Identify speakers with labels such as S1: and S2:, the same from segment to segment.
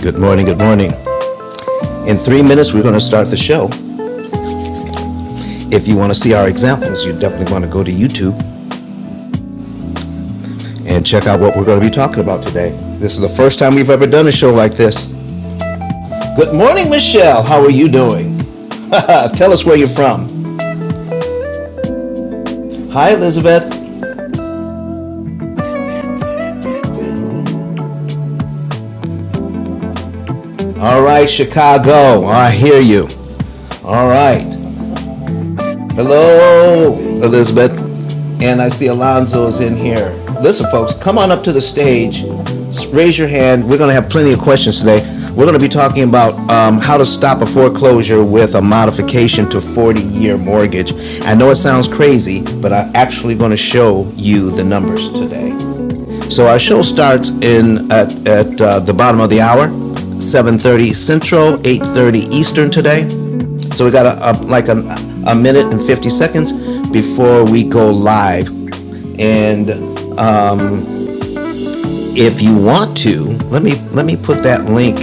S1: Good morning, good morning. In three minutes, we're going to start the show. If you want to see our examples, you definitely want to go to YouTube and check out what we're going to be talking about today. This is the first time we've ever done a show like this. Good morning, Michelle. How are you doing? Uh, tell us where you're from. Hi, Elizabeth. All right, Chicago. I hear you. All right. Hello, Elizabeth. And I see Alonzo is in here. Listen, folks, come on up to the stage. Raise your hand. We're going to have plenty of questions today. We're going to be talking about um, how to stop a foreclosure with a modification to 40 year mortgage. I know it sounds crazy, but I'm actually going to show you the numbers today. So our show starts in at, at uh, the bottom of the hour, 7:30 Central, 8:30 Eastern today. So we got a, a, like a, a minute and 50 seconds before we go live. And if you want to, let me let me put that link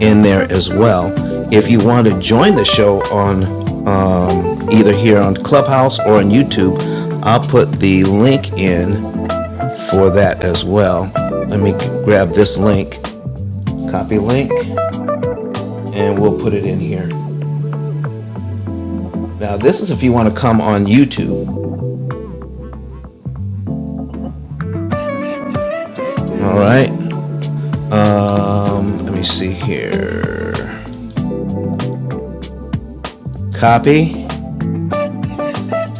S1: in there as well. If you want to join the show on um, either here on Clubhouse or on YouTube, I'll put the link in for that as well. Let me grab this link, copy link, and we'll put it in here. Now, this is if you want to come on YouTube. All right. Um, let me see here. Copy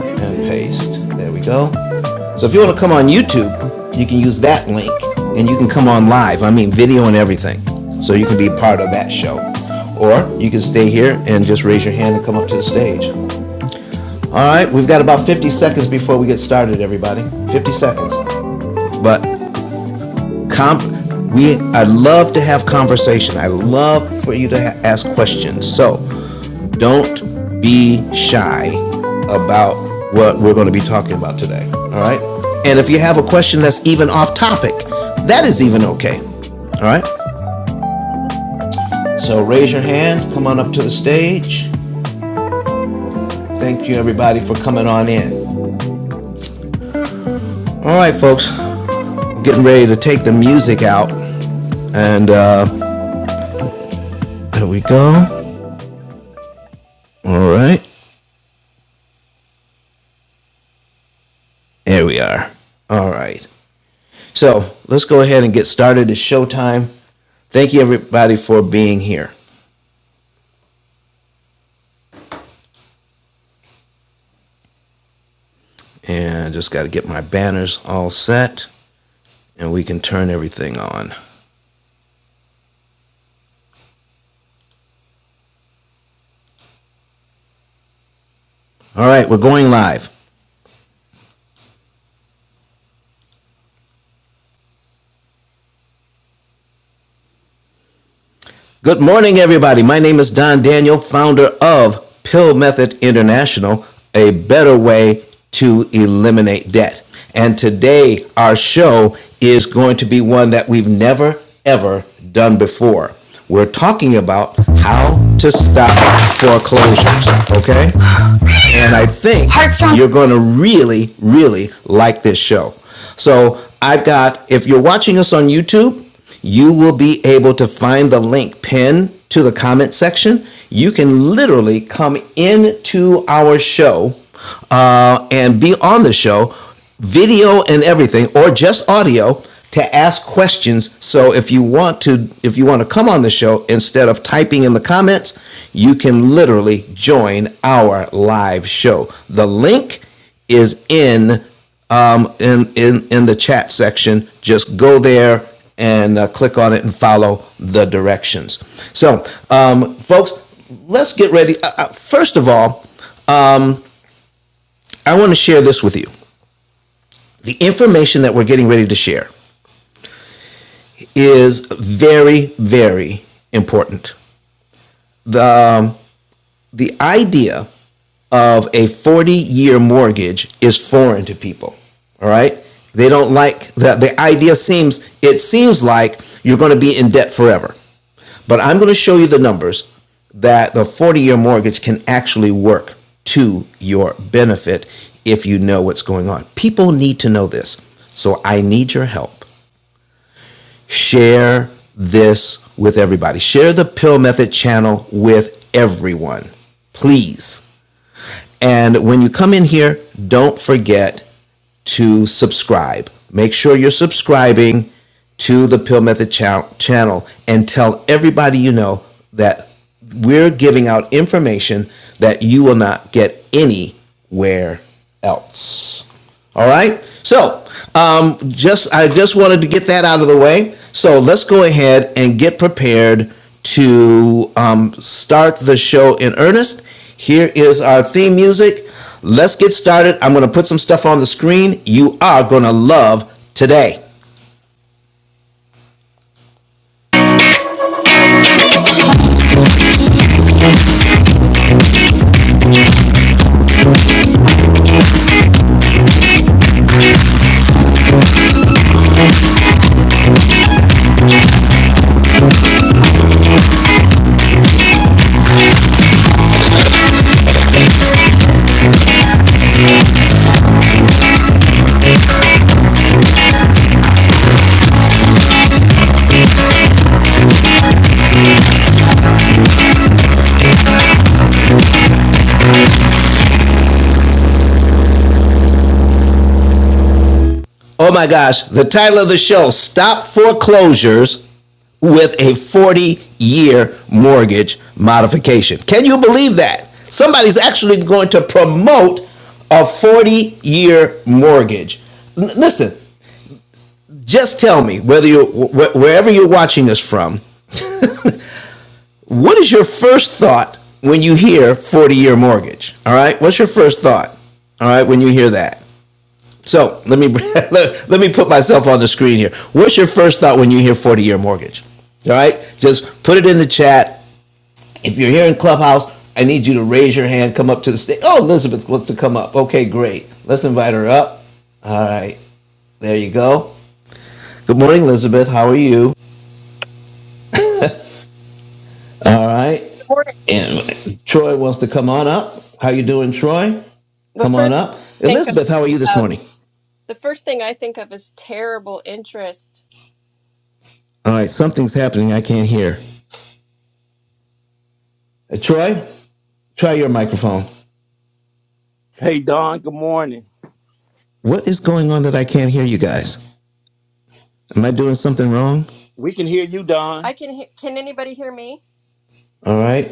S1: and paste. There we go. So if you want to come on YouTube, you can use that link and you can come on live. I mean, video and everything. So you can be part of that show. Or you can stay here and just raise your hand and come up to the stage. All right, we've got about 50 seconds before we get started, everybody. 50 seconds. But comp, we I love to have conversation. I love for you to ha- ask questions. So don't be shy about what we're going to be talking about today. All right. And if you have a question that's even off topic, that is even okay. All right. So raise your hand. Come on up to the stage. Thank you, everybody, for coming on in. All right, folks. Getting ready to take the music out. And uh, there we go. All right. There we are. All right. So let's go ahead and get started. It's showtime. Thank you, everybody, for being here. And I just got to get my banners all set and we can turn everything on. All right. We're going live. Good morning, everybody. My name is Don Daniel, founder of Pill Method International, a better way to eliminate debt. And today, our show is going to be one that we've never, ever done before. We're talking about how to stop foreclosures, okay? And I think you're going to really, really like this show. So I've got, if you're watching us on YouTube, you will be able to find the link pinned to the comment section. You can literally come into our show uh, and be on the show, video and everything, or just audio to ask questions. So if you want to, if you want to come on the show instead of typing in the comments, you can literally join our live show. The link is in um, in in in the chat section. Just go there and uh, click on it and follow the directions. So, um, folks, let's get ready. Uh, uh, first of all, I want to share this with you. The information that we're getting ready to share is very very important. The um, the idea of a 40 year mortgage is foreign to people. All right. They don't like that. The idea seems, it seems like you're going to be in debt forever. But I'm going to show you the numbers that the 40 year mortgage can actually work to your benefit if you know what's going on. People need to know this. So I need your help. Share this with everybody. Share the Pill Method channel with everyone. Please. And when you come in here, don't forget to subscribe. Make sure you're subscribing to the Pill Method cha- channel and tell everybody you know that we're giving out information that you will not get anywhere else. All right. So, um, just I just wanted to get that out of the way. So let's go ahead and get prepared to um, start the show in earnest. Here is our theme music. Let's get started. I'm going to put some stuff on the screen. You are going to love today. Oh my gosh, the title of the show Stop Foreclosures with a 40 year mortgage modification. Can you believe that? Somebody's actually going to promote a 40 year mortgage. N- listen, just tell me whether you wh- wherever you're watching us from, what is your first thought when you hear 40 year mortgage? All right? What's your first thought? All right, when you hear that? So let me let, me put myself on the screen here. What's your first thought when you hear forty-year mortgage? All right, just put it in the chat. If you're here in Clubhouse, I need you to raise your hand. Come up to the stage. Oh, Elizabeth wants to come up. Okay, great. Let's invite her up. All right, there you go. Good morning, Elizabeth. How are you? All right,
S2: boring.
S1: and Troy wants to come on up. How you doing, Troy?
S2: The
S1: Come on
S2: first
S1: up.
S2: I think of
S1: Elizabeth, how are you this
S2: um,
S1: morning?
S2: the first thing I think of is terrible interest.
S1: All right, something's happening. I can't hear. Uh, Troy, try your microphone.
S3: Hey, Don, good morning.
S1: What is going on that I can't hear you guys? Am I doing something wrong?
S3: We can hear you, Don.
S2: I can he- can anybody hear me?
S1: All right.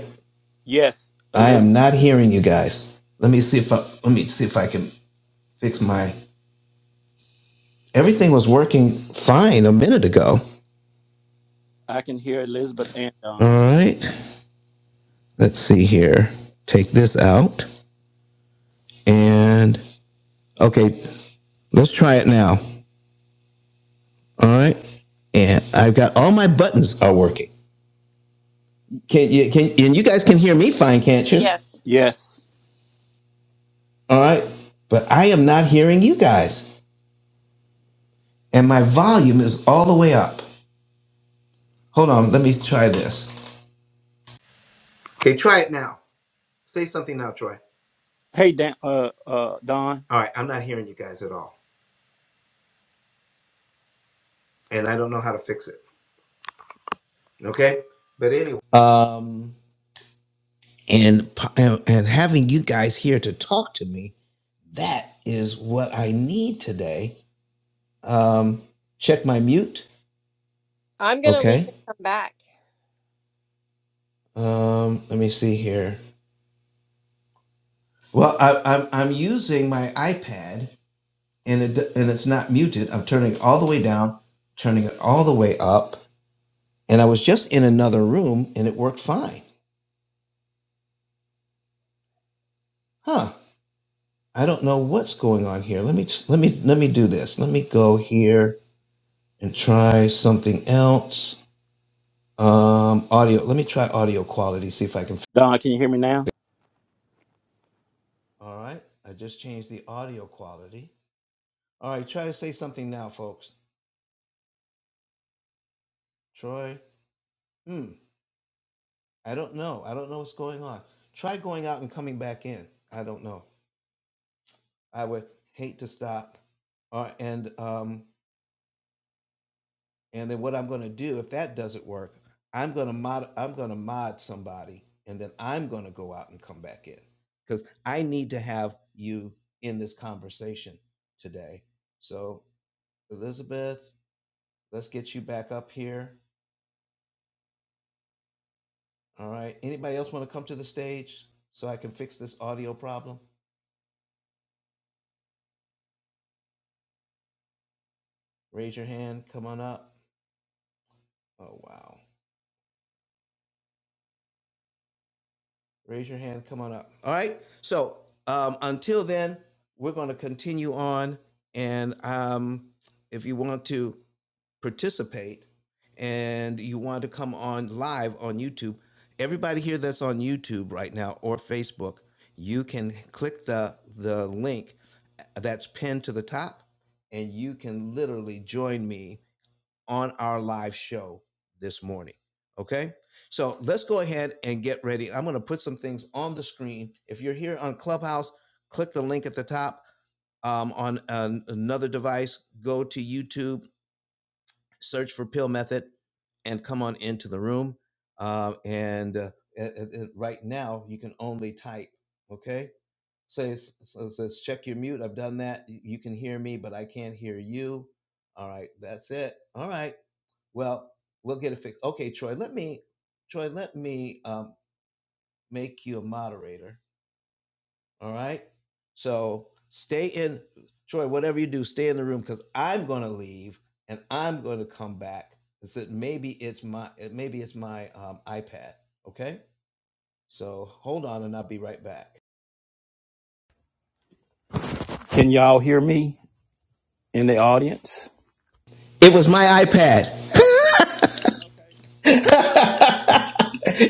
S3: Yes,
S1: I
S3: Elizabeth.
S1: am not hearing you guys. Let me see if I let me see if I can fix my everything was working fine a minute ago.
S3: I can hear Elizabeth and
S1: All
S3: Don.
S1: right. Let's see here. Take this out and okay, let's try it now. All right. And I've got all my buttons are working. Can you can and you guys can hear me fine, can't you?
S2: Yes.
S3: Yes.
S1: All right. But I am not hearing you guys. and my volume is all the way up. Hold on, let me try this. Okay, try it now. Say something now, Troy.
S3: Hey, Dan, uh, uh, Don.
S1: All right, I'm not hearing you guys at all, and I don't know how to fix it. Okay, but anyway. Um, and po- and and having you guys here to talk to me, that is what I need today. Um, check my mute.
S2: I'm going to leave
S1: Okay.
S2: and come back.
S1: Um, let me see here. Well, I, I'm I'm using my iPad and it and it's not muted. I'm turning it all the way down, turning it all the way up, and I was just in another room and it worked fine. Huh? I don't know what's going on here. Let me just- let me let me do this. Let me go here and try something else. Um, audio. Let me try audio quality. See if I can.
S3: Don, can you hear me now?
S1: All right. I just changed the audio quality. All right. Try to say something now, folks. Troy. Hmm. I don't know. I don't know what's going on. Try going out and coming back in. I don't know. I would hate to stop. Uh, and um, and then what I'm going to do if that doesn't work, I'm going to mod. I'm going to mod somebody, and then I'm going to go out and come back in because I need to have you in this conversation today. So Elizabeth, let's get you back up here. All right. Anybody else want to come to the stage so I can fix this audio problem? Raise your hand. Come on up. Oh wow. Raise your hand. Come on up. All right. So um, until then, we're going to continue on. And um, if you want to participate and you want to come on live on YouTube, everybody here that's on YouTube right now or Facebook, you can click the the link that's pinned to the top, and you can literally join me on our live show this morning. Okay. So let's go ahead and get ready. I'm going to put some things on the screen. If you're here on Clubhouse, click the link at the top um, on an- another device. Go to YouTube, search for Pill Method, and come on into the room. Uh, and uh, uh, uh, right now, you can only type. Okay. So it's, so it says check your mute. I've done that. you can hear me, but I can't hear you. All right. That's it. All right. Well, we'll get it fixed. Okay, Troy, let me, Troy, let me um, make you a moderator. All right. So stay in, Troy, whatever you do, stay in the room because I'm going to leave and I'm going to come back. It's that maybe it's my, maybe it's my um, iPad. Okay. So hold on and I'll be right back.
S3: Can y'all hear me in the audience?
S1: It was my iPad.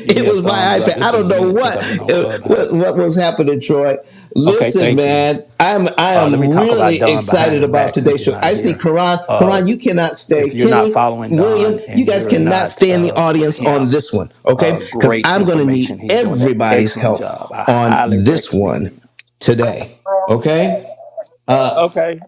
S3: Give me a
S1: was
S3: thumbs
S1: my
S3: up.
S1: iPad.
S3: It's
S1: I
S3: been a
S1: don't know
S3: minute since
S1: what,
S3: I've been on
S1: uh, what
S3: Clubhouse.
S1: what was happening, Troy.
S3: Okay,
S1: Listen,
S3: thank you.
S1: man, I'm I
S3: Uh, let me
S1: am
S3: talk about
S1: really
S3: Don behind
S1: excited
S3: his
S1: about
S3: back since
S1: today's
S3: he's
S1: show.
S3: not
S1: I see
S3: here.
S1: Karan.
S3: Uh,
S1: Karan, you cannot stay.
S3: if you're not
S1: Kenny,
S3: following Don
S1: William, you
S3: and
S1: guys
S3: you're
S1: cannot
S3: not
S1: stay in the
S3: uh, with
S1: audience on
S3: him,
S1: this one, okay?
S3: uh,
S1: Because
S3: great
S1: I'm going to
S3: information.
S1: need
S3: He's doing an
S1: everybody's
S3: excellent
S1: help
S3: job. I
S1: on
S3: highly
S1: this
S3: recommend
S1: one
S3: him.
S1: today. Okay. Uh,
S3: Okay,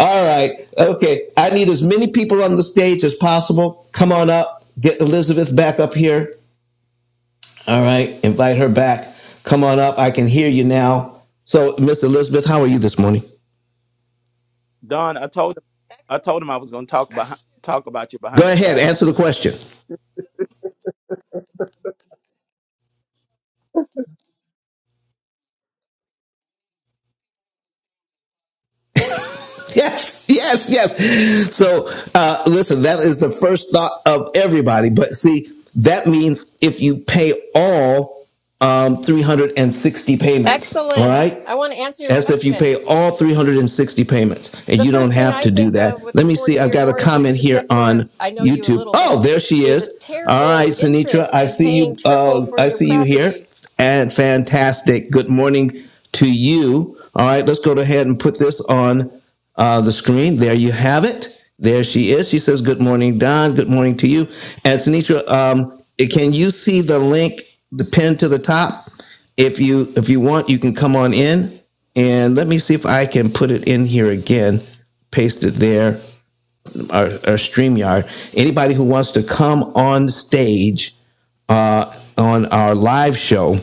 S1: all right. Okay. I need as many people on the stage as possible. Come on up. Get Elizabeth back up here. All right, invite her back. Come on up. I can hear you now. So, Miss Elizabeth, how are you this morning?
S3: Don. I told him. I told him I was going to talk about talk about you behind
S1: Go
S3: your
S1: ahead,
S3: back,
S1: answer the question. Yes, yes, yes. So, uh, listen, that is the first thought of everybody. But see, that means if you pay all um, 360 payments, all
S2: Excellent.
S1: right?
S2: I want to answer your
S1: as if you
S2: question.
S1: pay all 360 payments and
S2: The
S1: you
S2: first
S1: don't
S2: thing
S1: have
S2: I
S1: to do
S2: think of
S1: that.
S2: with the
S1: Let me
S2: 40
S1: see. I've
S2: year
S1: got a
S2: mortgage,
S1: comment here
S2: except for
S1: on
S2: I know you a
S1: YouTube.
S2: little
S1: Oh,
S2: bit,
S1: there she
S2: is a
S1: is. All right,
S2: terrible
S1: Sinitra,
S2: interest
S1: I
S2: and
S1: see
S2: paying
S1: you.
S2: triple
S1: Uh,
S2: for
S1: I
S2: your
S1: see you here,
S2: property.
S1: and fantastic. Good morning to you. All right, let's go ahead and put this on uh, the screen. There you have it. There she is. She says, "Good morning, Don. Good morning to you." And Sinitra, um, can you see the link, the pin to the top? If you if you want, you can come on in and let me see if I can put it in here again. Paste it there. Our, our StreamYard. Anybody who wants to come on stage uh, on our live show,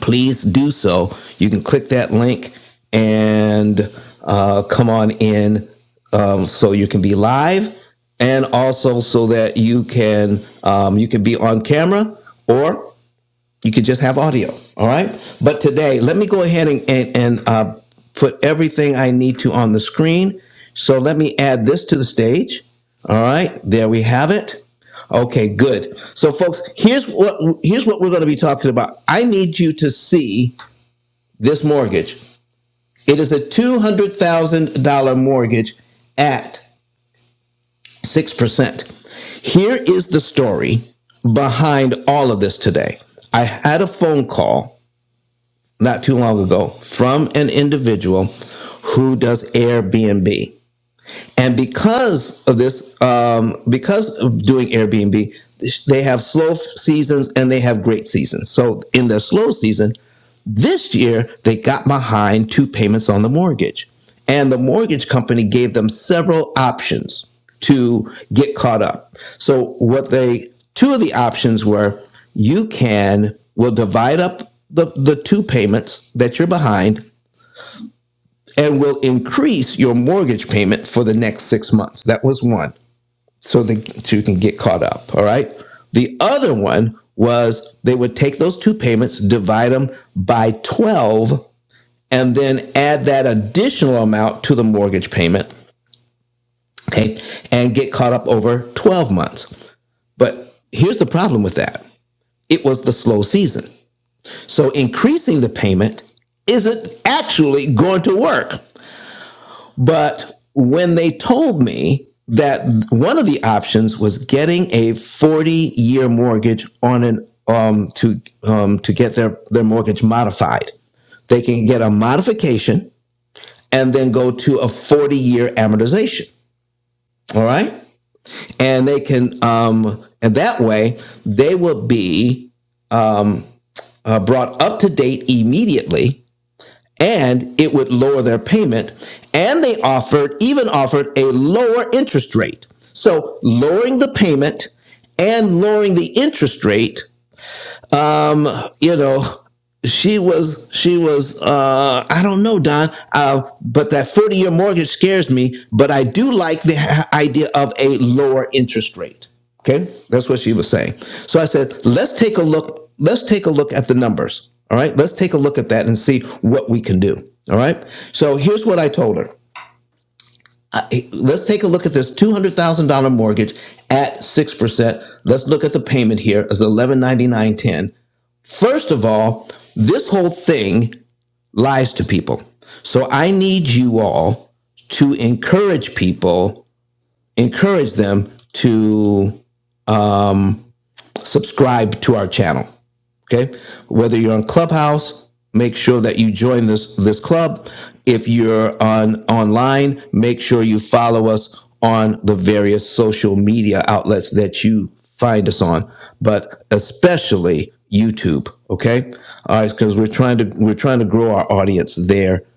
S1: please do so. You can click that link and uh, come on in um, so you can be live and also so that you can um, you can be on camera or you could just have audio. All right. But today, let me go ahead and, and, and uh, put everything I need to on the screen. So let me add this to the stage. All right. There we have it. Okay, good. So folks, here's what here's what we're going to be talking about. I need you to see this mortgage. It is a $200,000 mortgage at 6%. Here is the story behind all of this today. I had a phone call not too long ago from an individual who does Airbnb. And because of this, um, because of doing Airbnb, they have slow seasons and they have great seasons. So in their slow season, this year they got behind two payments on the mortgage. And the mortgage company gave them several options to get caught up. So what they two of the options were you can will divide up the, the two payments that you're behind and will increase your mortgage payment for the next six months. That was one, so that you can get caught up. All right. The other one was they would take those two payments, divide them by 12, and then add that additional amount to the mortgage payment, okay, and get caught up over 12 months. But here's the problem with that it was the slow season. So increasing the payment isn't actually going to work But when they told me that one of the options was getting a 40 year mortgage on an um, to um, to get their, their mortgage modified, they can get a modification and then go to a 40 year amortization. All right. And they can, um, and that way they will be uh, brought up to date immediately and it would lower their payment. And they offered, even offered a lower interest rate. So lowering the payment and lowering the interest rate you know she was she was uh i don't know don uh but that 40 year mortgage scares me but i do like the idea of a lower interest rate okay that's what she was saying so i said let's take a look let's take a look at the numbers all right let's take a look at that and see what we can do all right so here's what i told her let's take a look at this $200000 mortgage at 6% let's look at the payment here as 1199.10 First of all, this whole thing lies to people. So I need you all to encourage people, encourage them to um, subscribe to our channel. Okay. Whether you're on Clubhouse, make sure that you join this this club. If you're on online, make sure you follow us on the various social media outlets that you find us on, but especially YouTube. Okay. All right, because we're trying to we're trying to grow our audience there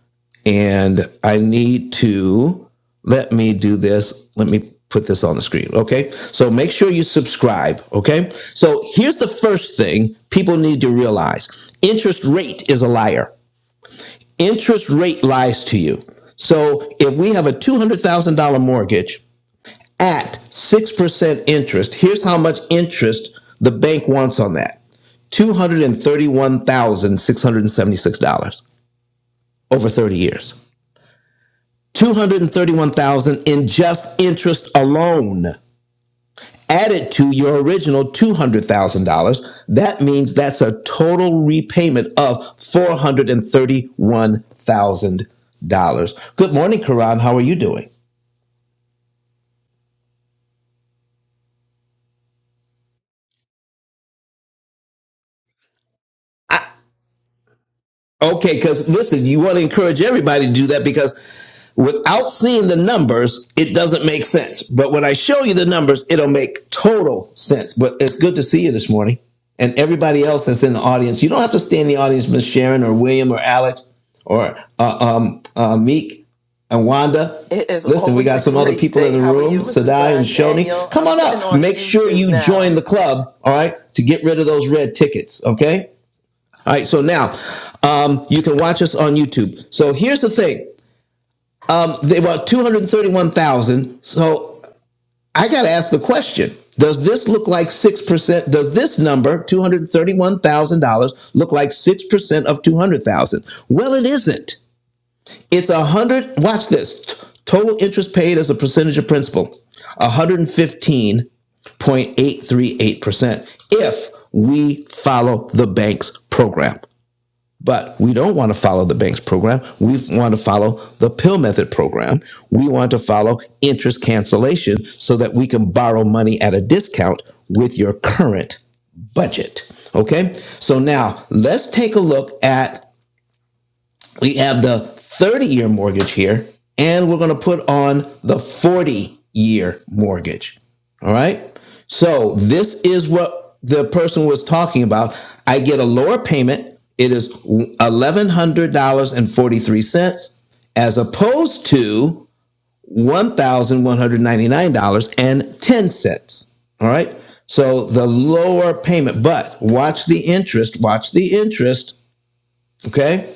S1: and I need to let me do this. Let me put this on the screen. Okay. So make sure you subscribe. Okay. So here's the first thing people need to realize interest rate is a liar. Interest rate lies to you. So if we have a $200,000 mortgage at 6% interest, here's how much interest the bank wants on that $231,676 over 30 years. 231,000 in just interest alone added to your original $200,000. That means that's a total repayment of $431,000. Good morning, Karan. How are you doing? I, Okay, because listen, you want to encourage everybody to do that because without seeing the numbers, it doesn't make sense. But when I show you the numbers, it'll make total sense. But it's good to see you this morning and everybody else that's in the audience. You don't have to stay in the audience, Miss Sharon or William or Alex or uh, um, uh, Meek and Wanda.
S4: It is
S1: Listen, we
S4: always
S1: got
S4: a
S1: some other
S4: great
S1: people in
S4: day.
S1: the
S4: How are
S1: room,
S4: you, Mr.
S1: Sadai and
S4: Don
S1: Shoni.
S4: Daniel?
S1: Come
S4: I'm
S1: on
S4: getting
S1: up.
S4: on
S1: Make sure
S4: YouTube
S1: you join
S4: now.
S1: the club, all right, to get rid of those red tickets, okay? All right, so now um, you can watch us on YouTube. So here's the thing: there were 231,000. So I got to ask the question: Does this look like six percent? Does this number, two hundred thirty-one thousand dollars, look like six percent of two hundred thousand? Well, it isn't. It's a hundred. Watch this: total interest paid as a percentage of principal, one hundred fifteen point eight three eight percent if we follow the bank's program. But we don't want to follow the bank's program. We want to follow the pill method program. We want to follow interest cancellation so that we can borrow money at a discount with your current budget. Okay, so now let's take a look at we have the 30 year mortgage here, and we're going to put on the 40 year mortgage. All right. So this is what the person was talking about. I get a lower payment. It is $1,100.43 as opposed to $1,199.10. All right. So the lower payment, but watch the interest, watch the interest. Okay.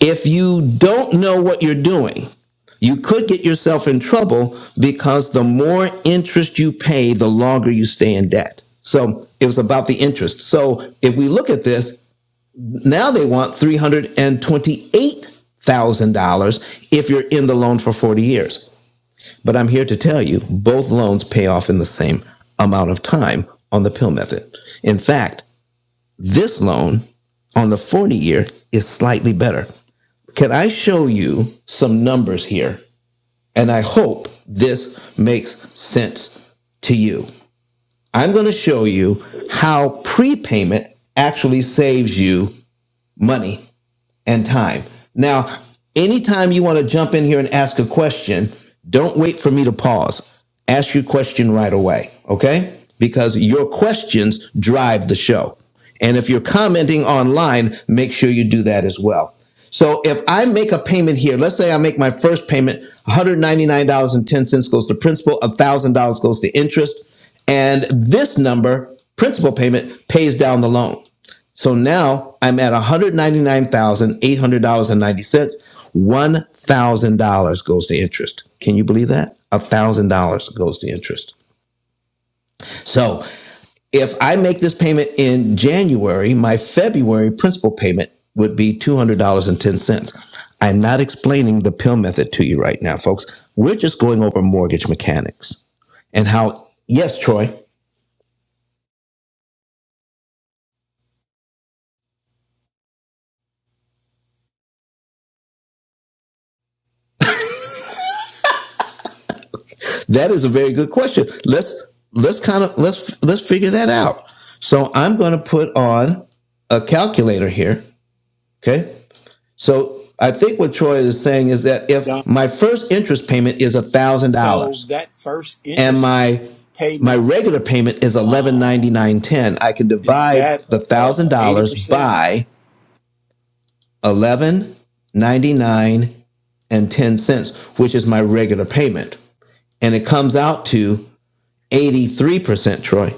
S1: If you don't know what you're doing, you could get yourself in trouble because the more interest you pay, the longer you stay in debt. So it was about the interest. So if we look at this, now they want $328,000 if you're in the loan for 40 years. But I'm here to tell you both loans pay off in the same amount of time on the pill method. In fact, this loan on the 40 year is slightly better. Can I show you some numbers here? And I hope this makes sense to you. I'm going to show you how prepayment actually saves you money and time. Now, anytime you want to jump in here and ask a question, don't wait for me to pause. Ask your question right away, okay? Because your questions drive the show. And if you're commenting online, make sure you do that as well. So if I make a payment here, let's say I make my first payment, $199.10 goes to principal, $1,000 goes to interest, and this number, principal payment, pays down the loan. So now I'm at $199,800.90. $1,000 goes to interest. Can you believe that? $1,000 goes to interest. So if I make this payment in January, my February principal payment would be $200.10. I'm not explaining the pill method to you right now, folks. We're just going over mortgage mechanics and how, yes, Troy. That is a very good question. Let's let's kind of let's let's figure that out. So I'm going to put on a calculator here. Okay. So I think what Troy is saying is that
S3: Don.
S1: if my first interest payment is one thousand
S3: So
S1: dollars
S3: that first
S1: and
S3: interest
S1: my my
S3: payment
S1: regular payment is eleven ninety nine ten, I can
S3: is
S1: divide
S3: that
S1: the one thousand
S3: uh eighty
S1: dollars
S3: percent
S1: by eleven ninety nine and ten cents, which is my regular payment, and it comes out to eighty three percent. Troy.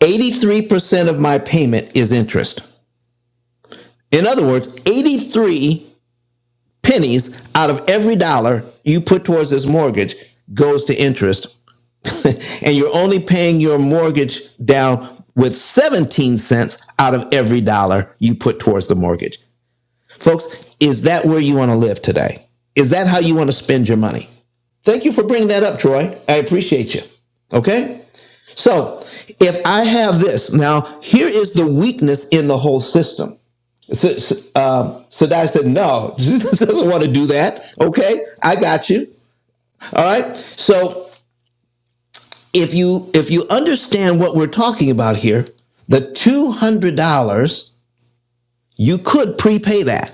S1: 83% of my payment is interest. In other words, 83 pennies out of every dollar you put towards this mortgage goes to interest. and you're only paying your mortgage down with 17 cents out of every dollar you put towards the mortgage. Folks, is that where you want to live today? Is that how you want to spend your money? Thank you for bringing that up, Troy. I appreciate you. Okay? So if I have this, now here is the weakness in the whole system. So, so, um, Sadai said, no, Jesus doesn't want to do that. Okay, I got you. All right. So if you if you understand what we're talking about here, the $200 You could prepay that.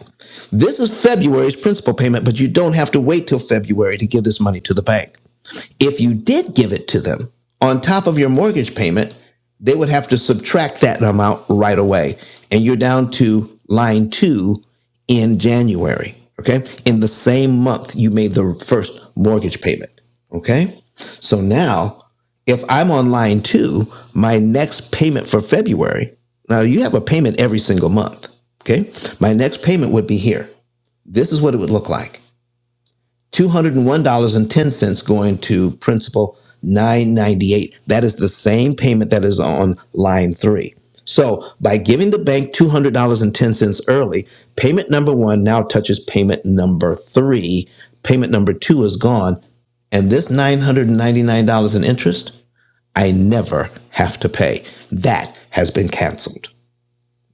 S1: This is February's principal payment, but you don't have to wait till February to give this money to the bank. If you did give it to them on top of your mortgage payment, they would have to subtract that amount right away. And you're down to line two in January. Okay. In the same month you made the first mortgage payment. Okay. So now if I'm on line two, my next payment for February, now you have a payment every single month. Okay. My next payment would be here. This is what it would look like $201.10 going to principal 998. That is the same payment that is on line three. So by giving the bank $200.10 early, payment number one now touches payment number three. Payment number two is gone. And this $999 in interest I never have to pay. That has been canceled.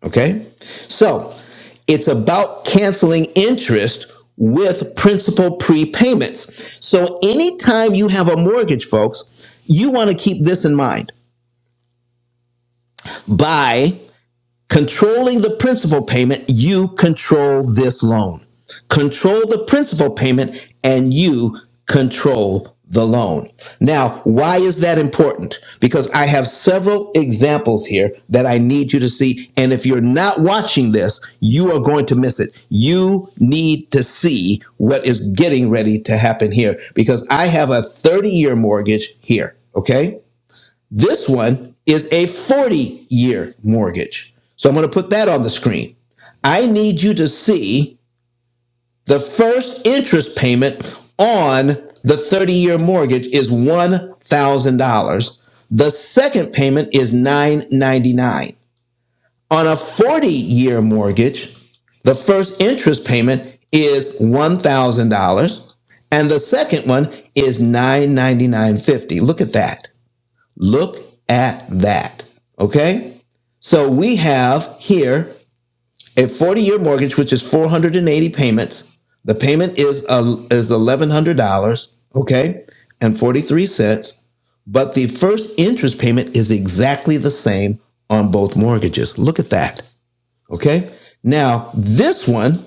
S1: Okay? So it's about canceling interest with principal prepayments. So anytime you have a mortgage, folks, you want to keep this in mind. By Controlling the principal payment, you control this loan. Control the principal payment and you control the loan. Now, why is that important? Because I have several examples here that I need you to see. And if you're not watching this, you are going to miss it. You need to see what is getting ready to happen here because I have a 30 year mortgage here. Okay. This one is a 40 year mortgage. So I'm going to put that on the screen. I need you to see the first interest payment on the 30 year mortgage is $1,000. The second payment is 999 On a 40 year mortgage, the first interest payment is $1,000 and the second one is nine ninety-nine fifty. Look at that. Look at that. Okay. So we have here a 40 year mortgage, which is 480 payments. The payment is, uh, is $1,100. Okay. And 43 cents. But the first interest payment is exactly the same on both mortgages. Look at that. Okay. Now, this one,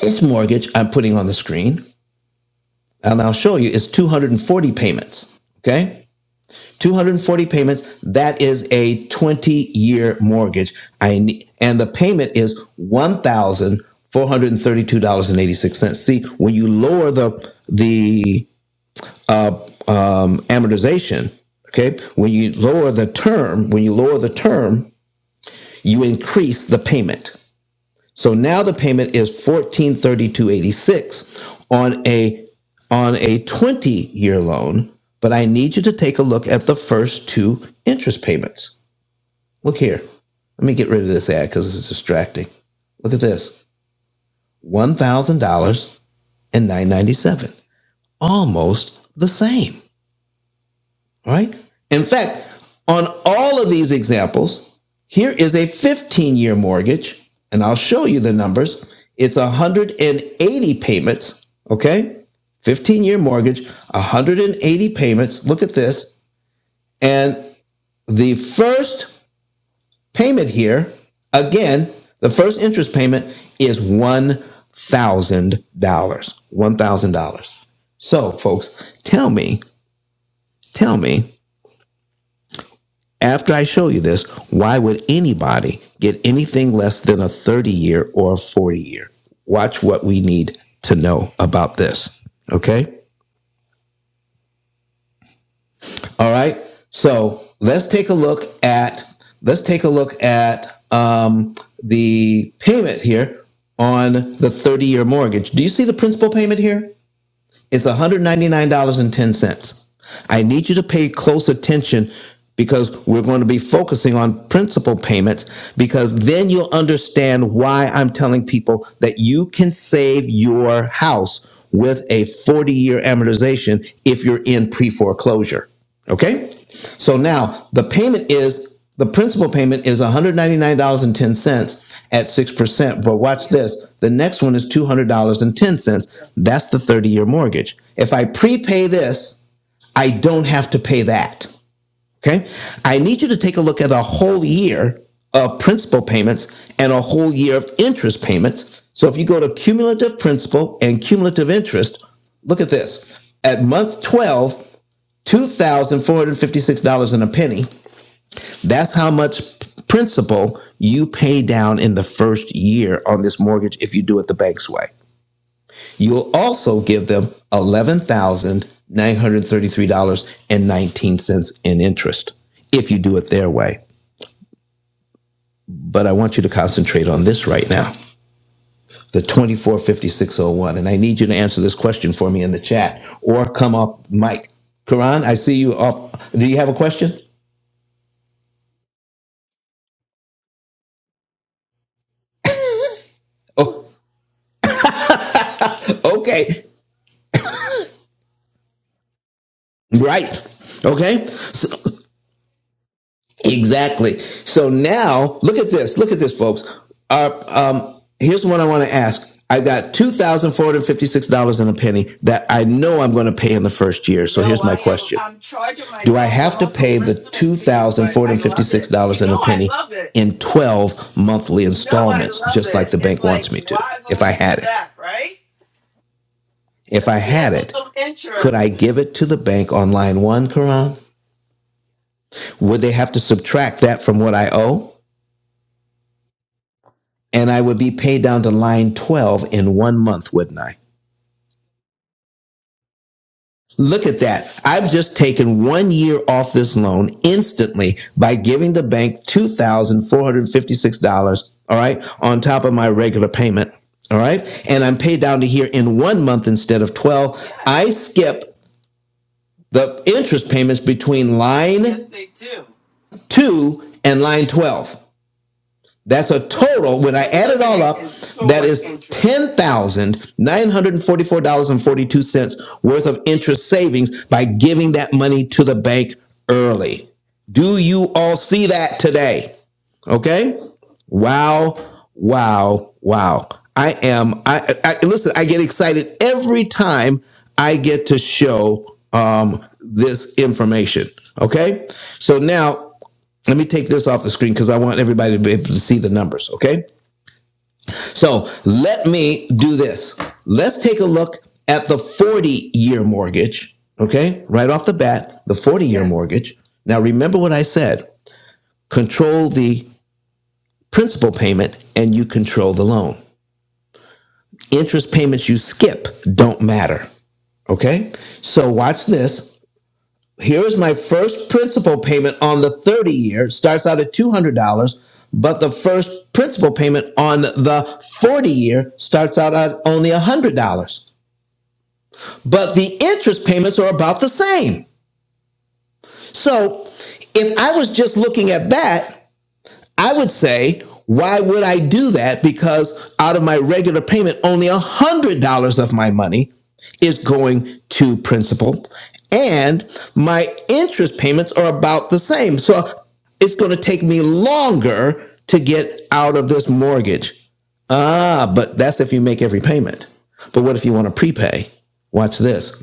S1: this mortgage I'm putting on the screen, and I'll show you, is 240 payments. Okay. 240 payments. That is a 20 year mortgage. I need, and the payment is $1,432.86. See, when you lower the, the, um, amortization, okay, when you lower the term, when you lower the term, you increase the payment. So now the payment is 1432.86 on a, on a 20 year loan, but I need you to take a look at the first two interest payments. Look here. Let me get rid of this ad because it's distracting. Look at this. One thousand dollars and nine ninety seven. Almost the same. Right? In fact, on all of these examples, here is a 15 year mortgage, and I'll show you the numbers. It's 180 payments, okay? 15 year mortgage, 180 payments. Look at this. And the first payment here, again, the first interest payment is $1,000. $1,000. So, folks, tell me, tell me, after I show you this, why would anybody get anything less than a 30 year or a 40 year? Watch what we need to know about this. Okay. All right. So let's take a look at let's take a look at um, the payment here on the 30 year mortgage. Do you see the principal payment here? It's $199.10. I need you to pay close attention because we're going to be focusing on principal payments because then you'll understand why I'm telling people that you can save your house with a 40 year amortization if you're in pre foreclosure. Okay? So now the payment is the principal payment is $199.10 at 6%. But watch this. The next one is $200.10. That's the 30 year mortgage. If I prepay this, I don't have to pay that. Okay. I need you to take a look at a whole year of principal payments and a whole year of interest payments. So if you go to cumulative principal and cumulative interest, look at this. At month 12, $2,456 and a penny. That's how much principal you pay down in the first year on this mortgage if you do it the bank's way. You'll also give them $11,933.19 in interest if you do it their way. But I want you to concentrate on this right now the 245601. And I need you to answer this question for me in the chat or come up, Mike. Karan, I see you off. Do you have a question? Oh, okay. Right. Okay. So Exactly. So now look at this. Look at this, folks. Our, um, here's one I want to ask. I have got two thousand four hundred fifty-six dollars and a penny that I know I'm going to pay in the first year. So
S4: No,
S1: here's my
S4: I am.
S1: question:
S4: I'm charging my
S1: Do I
S4: phone, so
S1: have
S4: I'm
S1: to
S4: also
S1: pay the
S4: listening
S1: two
S4: to you.
S1: thousand
S4: But
S1: four
S4: I
S1: hundred
S4: love
S1: fifty-six
S4: it.
S1: dollars
S4: You
S1: and a
S4: know, I
S1: penny
S4: love it.
S1: in twelve monthly
S4: You know, I
S1: installments,
S4: love
S1: just like
S4: it.
S1: the
S4: It's
S1: bank
S4: like,
S1: wants me to?
S4: why would
S1: If I
S4: we do
S1: had it,
S4: that, right?
S1: if I
S4: Let's
S1: had
S4: cancel
S1: it,
S4: some
S1: could I
S4: interest.
S1: give it to the bank on line one, Karan? Would they have to subtract that from what I owe? and I would be paid down to line 12 in one month, wouldn't I? Look at that. I've just taken one year off this loan instantly by giving the bank $2,456, all right, on top of my regular payment, all right? And I'm paid down to here in one month instead of 12. I
S4: Yes,
S1: skip the interest payments between
S4: yes,
S1: line
S4: they do.
S1: two and line 12. That's a total. When
S4: And
S1: I add it all up,
S4: eliminating so
S1: that
S4: much
S1: is ten
S4: interest.
S1: thousand nine hundred and forty-four dollars and forty-two cents worth of interest savings by giving that money to the bank early. Do you all see that today? Okay. Wow. Wow. Wow. I am. I, I listen. I get excited every time I get to show um, this information. Okay. So now let me take this off the screen because I want everybody to be able to see the numbers. Okay. So let me do this. Let's take a look at the 40 year mortgage. Okay. Right off the bat, the 40 year
S4: Yes,
S1: mortgage. Now, remember what I said control the principal payment and you control the loan. Interest payments you skip don't matter. Okay. So watch this. here is my first principal payment on the 30 year starts out at $200 but the first principal payment on the 40 year starts out at only $100 but the interest payments are about the same so if i was just looking at that I would say, why would I do that? Because out of my regular payment, only $100 of my money is going to principal, and my interest payments are about the same. So it's going to take me longer to get out of this mortgage. Ah, but that's if you make every payment. But what if you want to prepay? Watch this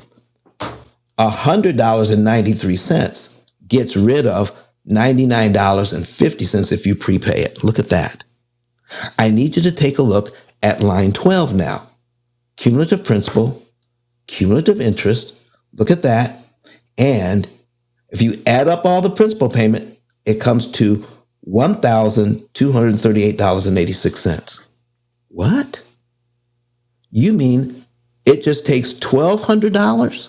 S1: $100.93 gets rid of $99.50 if you prepay it. Look at that. I need you to take a look at line 12 now. Cumulative principal, cumulative interest. Look at that. And if you add up all the principal payment, it comes to $1,238.86. What? You mean it just takes $1,200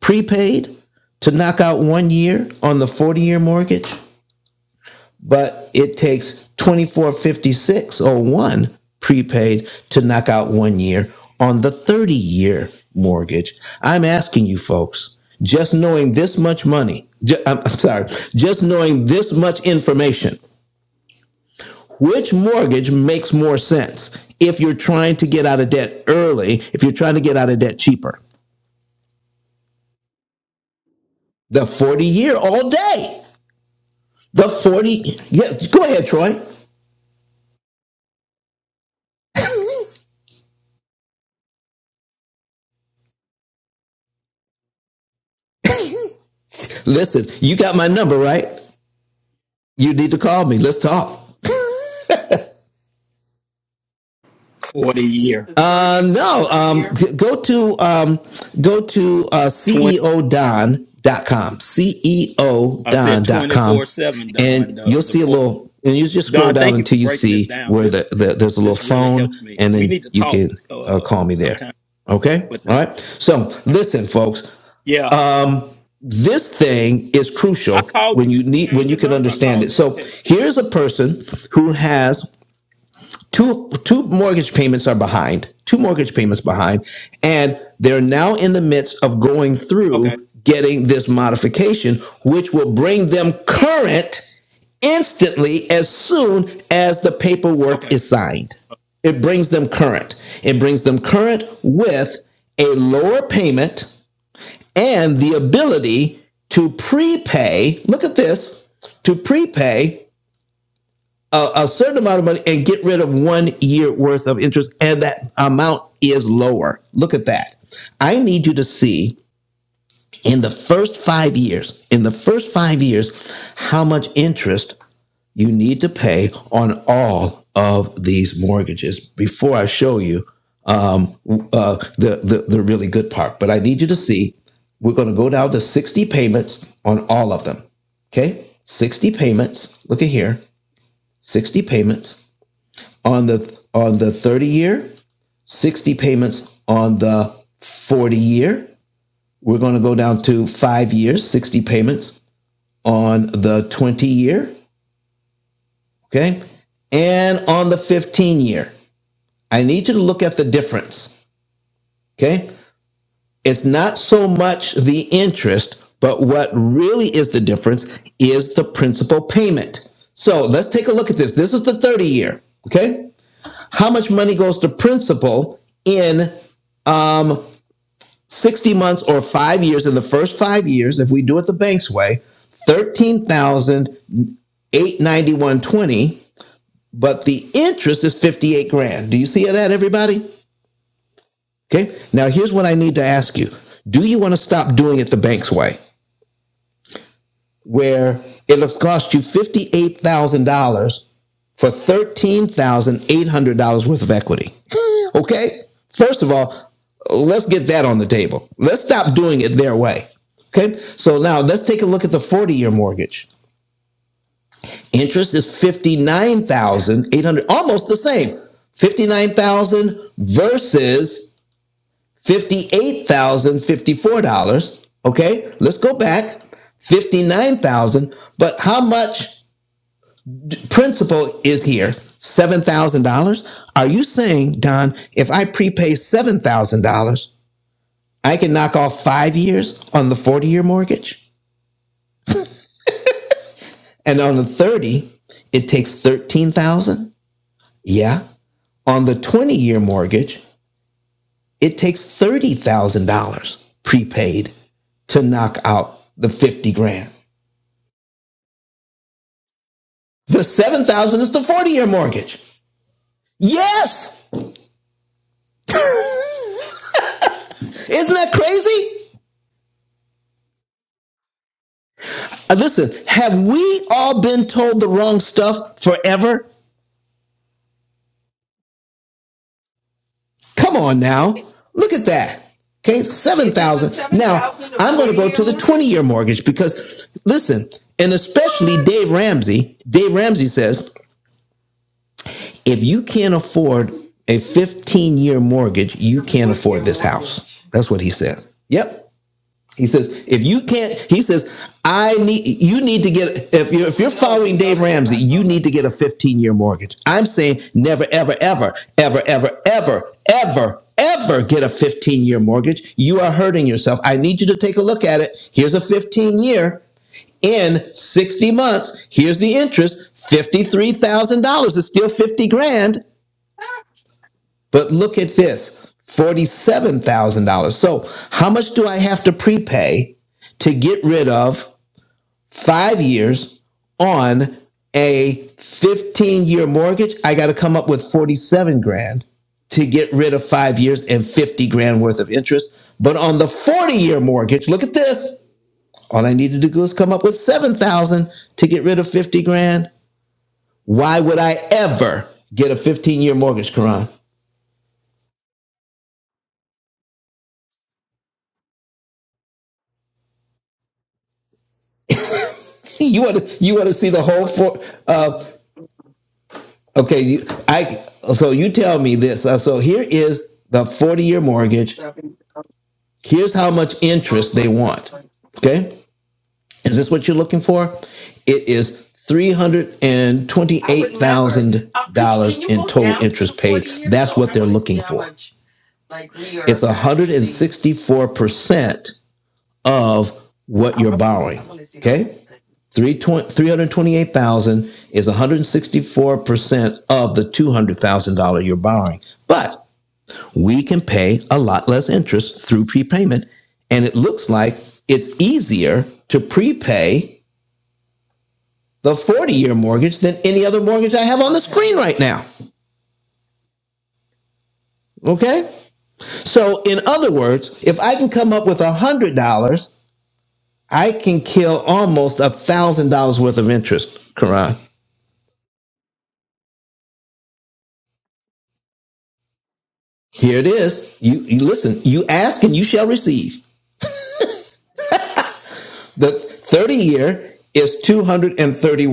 S1: prepaid to knock out one year on the 40 year mortgage? but it takes 245601 prepaid to knock out one year on the 30 year mortgage. I'm asking you folks, just knowing this much money, ju- I'm I'm sorry, just knowing this much information, which mortgage makes more sense if you're trying to get out of debt early, if you're trying to get out of debt cheaper? The 40 year all day. The 40. Yeah, go ahead, Troy. Listen, you got my number, right? you need to call me. Let's talk.
S3: for the year.
S4: the
S1: Uh,
S4: thirty or
S1: no,
S4: forty
S1: um,
S4: year.
S1: g- go to, um, go to, uh, C
S3: Twenty.
S1: E O Don dot com, C E O
S3: I said
S1: Don dot
S3: twenty four
S1: com,
S3: seven,
S1: and
S3: Don. The
S1: you'll
S3: the
S1: see a
S3: four.
S1: little, and you just scroll
S3: Don,
S1: down
S3: thank you for
S1: until you
S3: breaking this
S1: see
S3: down.
S1: where
S3: This
S1: the, the there's a little
S3: this really
S1: phone,
S3: helps me.
S1: and
S3: We
S1: then
S3: need to
S1: you
S3: talk
S1: can uh,
S3: uh
S1: call me there.
S3: sometime.
S1: Okay.
S3: But thank
S1: All right. So listen, folks,
S3: yeah,
S1: this thing is
S3: I
S1: crucial
S3: called you.
S1: when
S3: Did
S1: you
S3: you
S1: need, when
S3: change
S1: you
S3: your
S1: can
S3: number? I
S1: understand it.
S3: called and
S1: So
S3: text you.
S1: here's a person who has two two mortgage payments are behind two mortgage payments behind and they're now in the midst of going
S3: Okay.
S1: through getting this modification which will bring them current instantly as soon as the paperwork
S3: Okay.
S1: is signed it brings them current it brings them current with a lower payment and the ability to prepay look at this to prepay a, a certain amount of money and get rid of one year worth of interest, and that amount is lower. Look at that. I need you to see in the first five years, in the first five years, how much interest you need to pay on all of these mortgages before I show you um, uh, the, the the really good part. But I need you to see. We're going to go down to sixty payments on all of them. Okay, sixty payments. Look at here, sixty payments on the on the 30 year, 60 payments on the 40 year. We're going to go down to 5 years, 60 payments on the 20 year, okay? And on the 15 year. I need you to look at the difference, okay? It's not so much the interest, but what really is the difference is the principal payment. So, let's take a look at this. This is the 30 year, okay? How much money goes to principal in 60 months or five years, in the first five years, if we do it the bank's way, 13,891.20, but the interest is 58 grand. Do you see that, everybody? Okay. Now, here's what I need to ask you Do you want to stop doing it the bank's way? where it'll cost you fifty-eight thousand dollars for thirteen thousand eight hundred dollars worth of equity. okay, first of all, let's get that on the table. Let's stop doing it their way. Okay, so now let's take a look at the forty-year mortgage. Interest is fifty-nine
S4: Yeah,
S1: thousand eight hundred, dollars, almost the same. Fifty-nine thousand dollars versus fifty-eight thousand fifty-four dollars. Okay, let's go back fifty-nine thousand. dollars, But how much Principal is here, $7,000. Are you saying, Don, if I prepay $7,000, I can knock off five years on the 40 year mortgage? And on the 30, it takes 13000 Yeah. On the 20 year mortgage, it takes $30,000 prepaid to knock out the 50 grand. The 7,000 is the 40 year mortgage. Yes. Isn't that crazy? Uh, Listen, have we all been told the wrong stuff forever? Come on now.
S4: it
S1: Look at that. Okay,
S4: it is the
S1: 7,000.
S4: seven
S1: Now,
S4: thousand to
S1: I'm going to
S4: forty
S1: go
S4: year
S1: to the 20
S4: mortgage.
S1: year mortgage because, listen, and especially Dave
S4: What?
S1: Ramsey, Dave Ramsey says, if you can't afford a
S4: I
S1: 15 year mortgage,
S4: need
S1: you
S4: a
S1: can't
S4: 40 year
S1: afford this house.
S4: mortgage.
S1: That's what he says. Yep. He says, if you can't, he says, I need you need to get if you're
S4: Well,
S1: if you're
S4: we know
S1: following
S4: we know
S1: Dave
S4: that they're
S1: Ramsey,
S4: not
S1: you
S4: telling us
S1: need to
S4: the
S1: get a
S4: truth.
S1: 15 year mortgage. I'm saying never, ever, ever, ever, ever, ever, ever, ever get a 15 year mortgage. You are hurting yourself. I need you to take a look at it. Here's a 15 year in 60 months. Here's the interest. $53,000 It's still 50 grand.
S4: Ah,
S1: But look at this $47,000. So, how much do I have to prepay to get rid of five years on a 15 year mortgage? I got to come up with 47 grand to get rid of five years and 50 grand worth of interest. But on the 40 year mortgage, look at this. All I need to do is come up with 7,000 to get rid of 50 grand. Why would I ever get a 15 year mortgage, Karan? You want to you want to see the whole four? Uh,
S4: 47,
S1: okay, you, I so you tell me this. Uh, so here is the forty-year mortgage.
S4: 70.
S1: Here's how much
S4: Oh
S1: interest
S4: my
S1: they want.
S4: god.
S1: Okay, is this what you're looking for? It is three hundred and
S4: I would
S1: twenty-eight
S4: never.
S1: thousand
S4: Uh, could you, can
S1: dollars
S4: you
S1: in
S4: go
S1: total
S4: down to the
S1: interest
S4: 40
S1: paid.
S4: years
S1: That's
S4: though?
S1: what
S4: I
S1: they're
S4: want to see
S1: looking
S4: how
S1: for.
S4: much like we
S1: It's
S4: are
S1: one hundred and
S4: actually
S1: sixty-four percent of what
S4: I,
S1: you're
S4: I want to
S1: borrowing.
S4: I want to see the
S1: Okay.
S4: whole thing.
S1: Three twen- 328,000 is 164% of the $200,000 you're borrowing. But we can pay a lot less interest through prepayment and it looks like it's easier to prepay the 40-year mortgage than any other mortgage I have on the
S4: Okay.
S1: screen right now. Okay? So in other words, if I can come up with $100, I can kill almost $1,000 worth of interest, Karan. Here it is. You, you listen, you ask and you shall receive. The 30 year is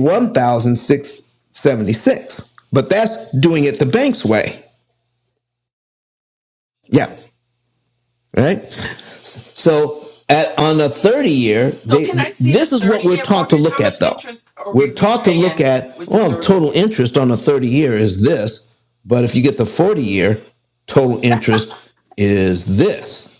S4: Yeah.
S1: But that's doing it the bank's way. Yeah. Right? So at, on a 30 year,
S4: So can I
S1: they,
S4: see the
S1: this is what
S4: 30
S1: we're
S4: year
S1: taught to
S4: mortgage? How
S1: look at
S4: much
S1: though.
S4: interest are we
S1: We're taught to look
S4: repaying
S1: at,
S4: with the
S1: well,
S4: 30
S1: total
S4: year?
S1: interest on a 30 year is this, but if you get the 40 year, total interest is this.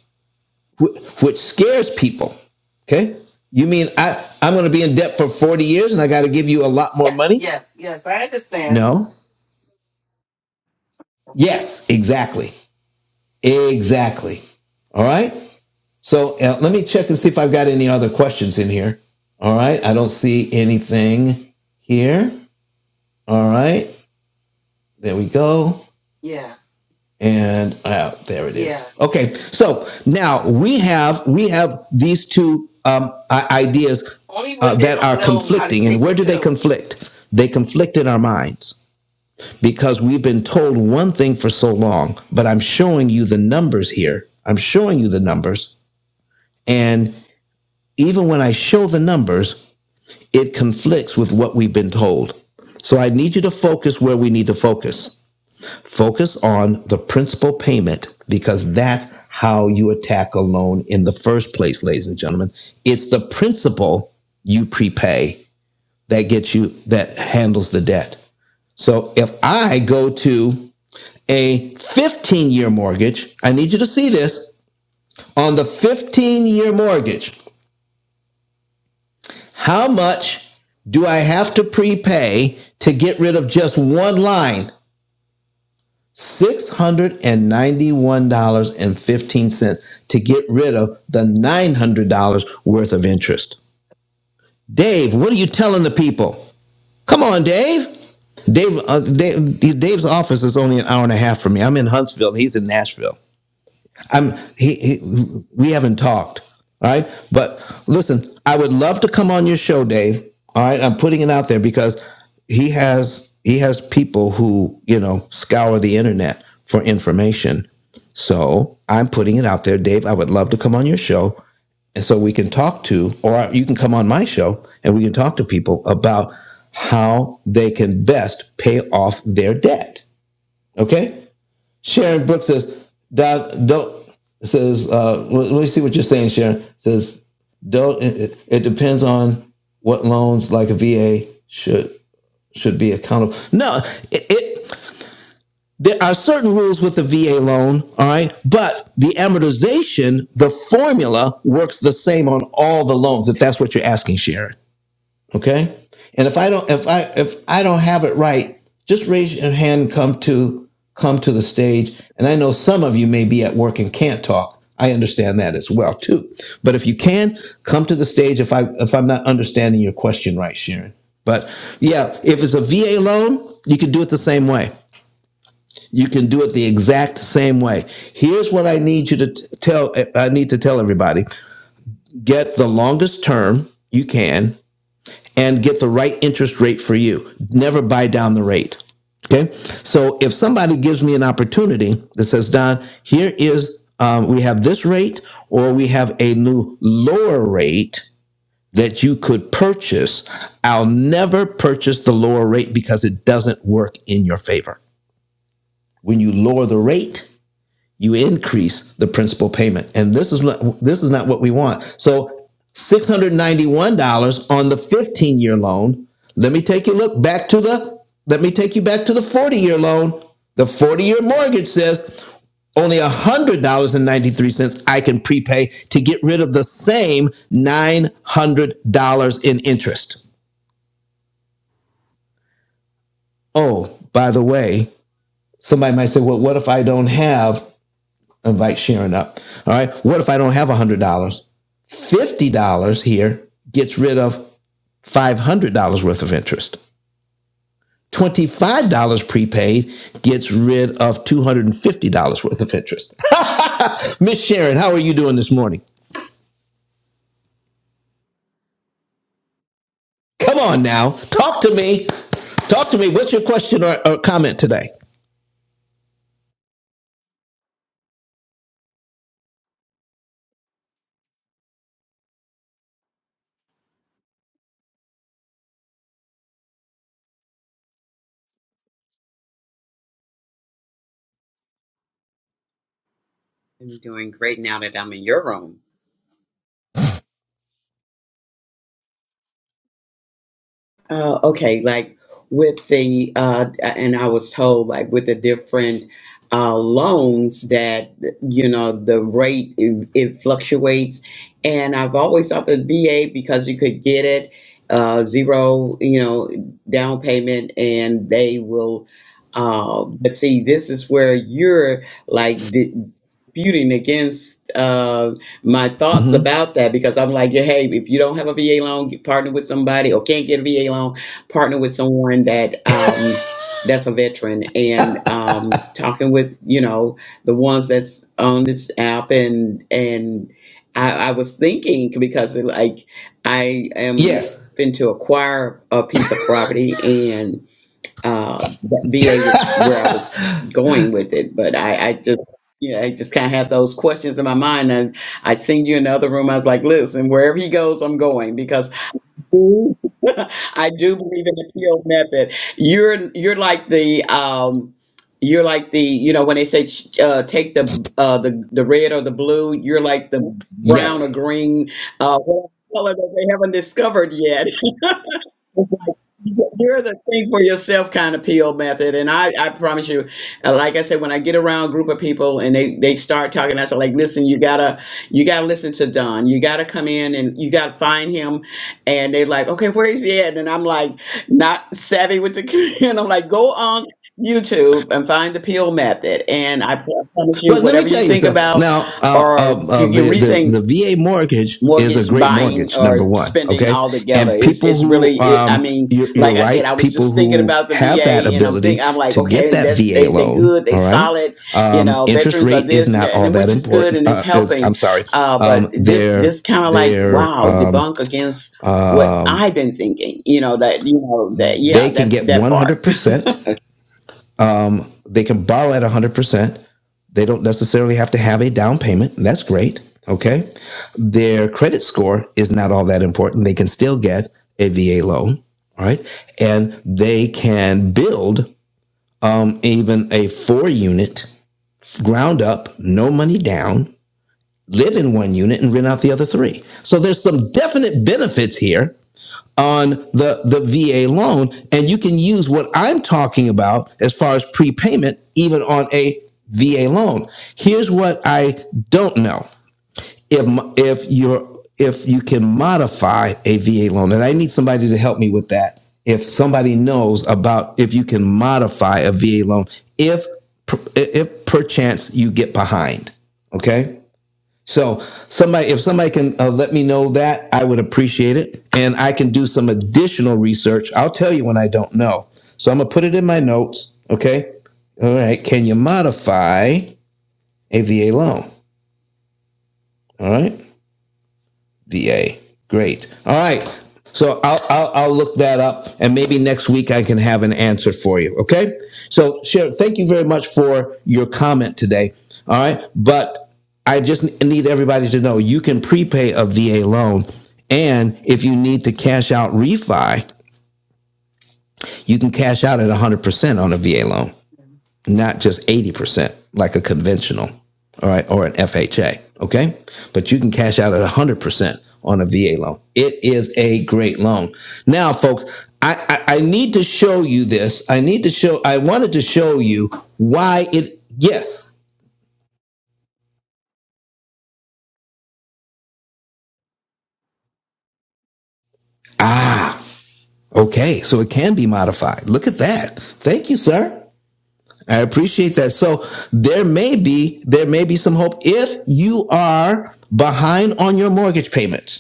S1: wh- which scares people. Okay. You mean I, I'm going to be in debt for 40 years and I got to give you a lot more
S4: Yes.
S1: money?
S4: Yes, yes. I understand.
S1: No. Yes, exactly. Exactly. All right. So uh, let me check and see if I've got any other questions in here. All right. I don't see anything here. All right. There we go.
S4: Yeah.
S1: and uh, there it
S4: Yeah.
S1: is. Okay, so now we have we have these two um, ideas
S4: Only
S1: uh,
S4: when they
S1: that
S4: don't
S1: are
S4: know how to
S1: conflicting, and
S4: take the
S1: where do they
S4: pill.
S1: conflict? They conflict in our minds because we've been told one thing for so long. But I'm showing you the numbers here. I'm showing you the numbers, and even when I show the numbers, it conflicts with what we've been told. So I need you to focus where we need to focus. Focus on the principal payment because that's how you attack a loan in the first place, ladies and gentlemen. It's the principal you prepay that gets you, that handles the debt. So if I go to a 15 year mortgage, I need you to see this on the 15 year mortgage. How much do I have to prepay to get rid of just one line? $691.15 to get rid of the $900 worth of interest. Dave, what are you telling the people? Come on, Dave. Dave, uh, Dave Dave's office is only an hour and a half from me. I'm in Huntsville, he's in Nashville. I'm he, he we haven't talked. All right. But listen, I would love to come on your show, Dave. All right. I'm putting it out there because he has he has people who, you know, scour the internet for information. So I'm putting it out there, Dave. I would love to come on your show. And so we can talk to, or you can come on my show and we can talk to people about how they can best pay off their debt. Okay. Sharon Brooks says, don't says. Uh, let me see what you're saying, Sharon. Says, don't. It, it- depends on what loans, like a VA, should should be accountable. No, it, it there are certain rules with the VA loan. All right, but the amortization, the formula works the same on all the loans. If that's what you're asking, Sharon. Okay. And if I don't, if I, if I don't have it right, just raise your hand. And come to, come to the stage. And I know some of you may be at work and can't talk. I understand that as well too. But if you can come to the stage, if I, if I'm not understanding your question right, Sharon. But yeah, if it's a VA loan, you can do it the same way. You can do it the exact same way. Here's what I need you to tell. I need to tell everybody: get the longest term you can and get the right interest rate for you. Never buy down the rate. Okay. So if somebody gives me an opportunity that says, Don, here is, um, we have this rate or we have a new lower rate that you could purchase, I'll never purchase the lower rate because it doesn't work in your favor. When you lower the rate, you increase the principal payment. And this is what this is not what we want. So $691 on the 15-year loan. Let me take you look back to the let me take you back to the 40-year loan. The 40-year mortgage says only $100.93 I can prepay to get rid of the same $900 in interest. Oh, by the way, somebody might say, well, what if I don't have, invite Sharon up. All right. What if I don't have $100? $50 here gets rid of $500 worth of interest. $25 prepaid gets rid of $250 worth of interest. Miss Sharon, how are you doing this morning? Come on now, talk to me. Talk to me. What's your question or, or comment today?
S5: I'm doing great now that I'm in your room. Oh, okay. Like with the uh, and I was told like with the different uh, loans that you know the rate it, it fluctuates, and I've always thought the VA because you could get it uh, zero, you know, down payment, and they will. Uh, but see, this is where you're like disputing against. uh, my thoughts
S1: hmm
S5: about that because I'm like, yeah, hey, if you don't have a VA loan, you partner with somebody or can't get a VA loan, partner with someone that um that's a veteran and um talking with, you know, the ones that's on this app and and I, I was thinking because like I am
S1: Yes.
S5: fin to acquire a piece of property and. Uh, that VA was where I was going with it, but I, I just, you know, I just kind of had those questions in my mind. And I seen you in the other room. I was like, listen, wherever he goes, I'm going because I do I do believe in the PO method. You're, you're like the, um, you're like the, you know, when they say uh, take the uh, the the red or the blue, you're like the brown or
S1: yes.
S5: green, uh, whatever color that they haven't discovered yet. It's like you- are the think for yourself kind of PO method. And I, I promise you, uh, like I said, when I get around a group of people and they, they start talking, I say like, listen, you gotta, you gotta listen to Don. You gotta come in and you gotta find him. And they are like, okay, where is he at? And I'm like, not savvy with the, and I'm like, go on YouTube and find the PO method. And I promise you,
S1: Well, let me
S5: whatever you
S1: tell you
S5: think
S1: so
S5: about,
S1: now. Uh, uh,
S5: or you,
S1: uh,
S5: you
S1: the the
S5: rethink
S1: the VA mortgage is
S5: mortgage
S1: a great
S5: buying
S1: mortgage,
S5: or
S1: number one.
S5: spending
S1: Okay,
S5: altogether.
S1: and
S5: It's
S1: people
S5: it's really
S1: who
S5: it. I
S1: um,
S5: mean,
S1: you're, you're
S5: like I said, I
S1: right,
S5: was
S1: people
S5: just thinking
S1: who
S5: about the
S1: have that
S5: VA, and I'm think
S1: ability
S5: I'm like,
S1: to get
S5: okay,
S1: that
S5: that's
S1: VA
S5: they they
S1: loan.
S5: good, they
S1: All right,
S5: solid. You
S1: um,
S5: know,
S1: interest
S5: veterans are
S1: rate is
S5: this and
S1: not
S5: that, and
S1: all
S5: then
S1: that
S5: which is good
S1: important.
S5: and it's
S1: Uh, is
S5: helping.
S1: I'm sorry,
S5: Uh, but
S1: um,
S5: this
S1: their
S5: this kind of like
S1: their
S5: wow,
S1: um,
S5: debunk against what
S1: um,
S5: I've been thinking. You know that you know that yeah
S1: they can
S5: that
S1: get
S5: that part.
S1: 100. percent They can borrow at 100. percent They don't necessarily have to have a down payment. That's great. Okay. Their credit score is not all that important. They can still get a VA loan. All right. And they can build um, even a four unit ground up, no money down, live in one unit and rent out the other three. So there's some definite benefits here on the, the VA loan. And you can use what I'm talking about as far as prepayment, even on a VA loan. Here's what I don't know. If, if you're, if you can modify a VA loan, and I need somebody to help me with that. If somebody knows about if you can modify a VA loan, if, if perchance you get behind, okay? So somebody, if somebody can uh, let me know that, I would appreciate it, and I can do some additional research. I'll tell you when I don't know. So I'm gonna put it in my notes. Okay. All right. Can you modify a VA loan? All right. VA. Great. All right. So I'll, I'll, I'll look that up and maybe next week I can have an answer for you. Okay. So Sharon, thank you very much for your comment today. All right. But I just need everybody to know you can prepay a VA loan. And if you need to cash out refi, you can cash out at
S4: I'm
S1: 100%
S4: pretty
S1: on a VA loan
S4: sure.
S1: not just 80% like a conventional, all right, or an FHA, okay? But you can cash out at 100% on a VA loan. It is a great loan. Now, folks, I, I, I need to show you this. I need to show, I wanted to show you why it, yes. Ah, okay. So it can be modified. Look at that. Thank you, sir. I appreciate that. So there may be, there may be some hope if you are behind on your mortgage payments.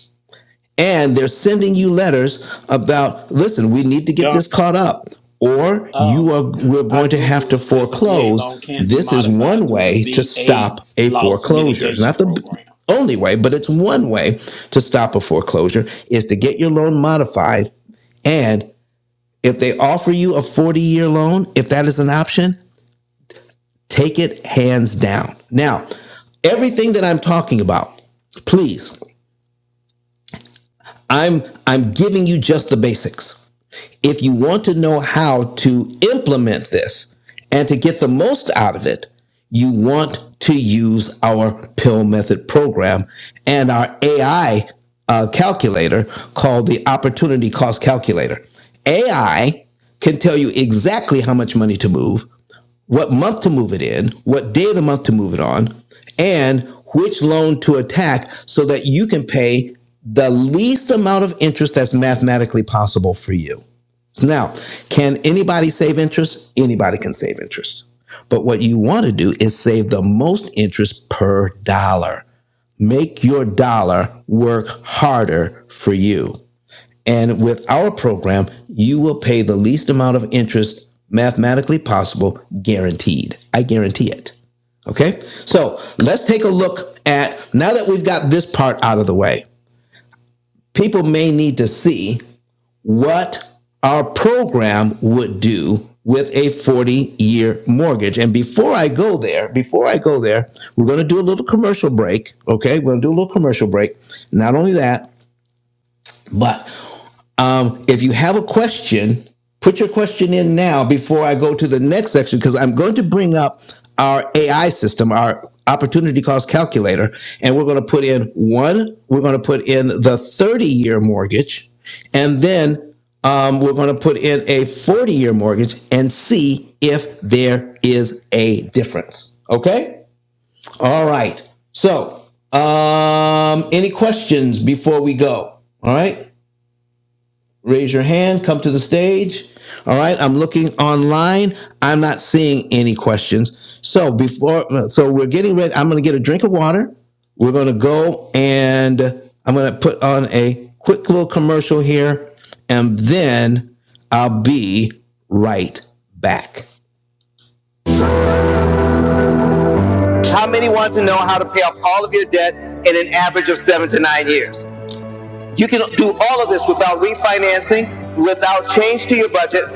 S1: and they're sending you letters about listen we need to get
S3: Don.
S1: this caught up or you
S3: Um,
S1: are we're
S3: I
S1: going to have
S3: Googled
S1: to
S3: it says a VA
S1: foreclose
S3: loan can be
S1: this is
S3: modified
S1: one
S3: through the
S1: way to stop
S3: VA's
S1: a
S3: loss
S1: foreclosure it's
S3: mitigation
S1: not the
S3: program.
S1: only way but it's one way to stop a foreclosure is to get your loan modified and if they offer you a 40 year loan, if that is an option, take it hands down. Now, everything that I'm talking about, please, I'm I'm giving you just the basics. if you want to know how to implement this and to get the most out of it, you want to use our pill method program and our AI uh, calculator called the opportunity cost calculator. AI can tell you exactly how much money to move, what month to move it in, what day of the month to move it on, and which loan to attack so that you can pay the least amount of interest that's mathematically possible for you. Now, can anybody save interest? Anybody can save interest. But what you want to do is save the most interest per dollar. Make your dollar work harder for you. And with our program, you will pay the least amount of interest mathematically possible, guaranteed. I guarantee it. Okay? So let's take a look at now that we've got this part out of the way, people may need to see what our program would do with a 40 year mortgage. And before I go there, before I go there, we're going to do a little commercial break. Okay. We're going to do a little commercial break. Not only that, but um, if you have a question, put your question in now before I go to the next section because I'm going to bring up our AI system, our opportunity cost calculator, and we're going to put in one, we're going to put in the 30 year mortgage, and then um, we're going to put in a 40 year mortgage and see if there is a difference. Okay? All right. So, um, any questions before we go? All right. Raise your hand, come to the stage. All right, I'm looking online. I'm not seeing any questions. So before so we're getting ready, I'm going to get a drink of water. We're going to go and I'm going to put on a quick little commercial here and then I'll be right back. Average of 7 to 9 years. You can do all of this without refinancing, without change to your budget,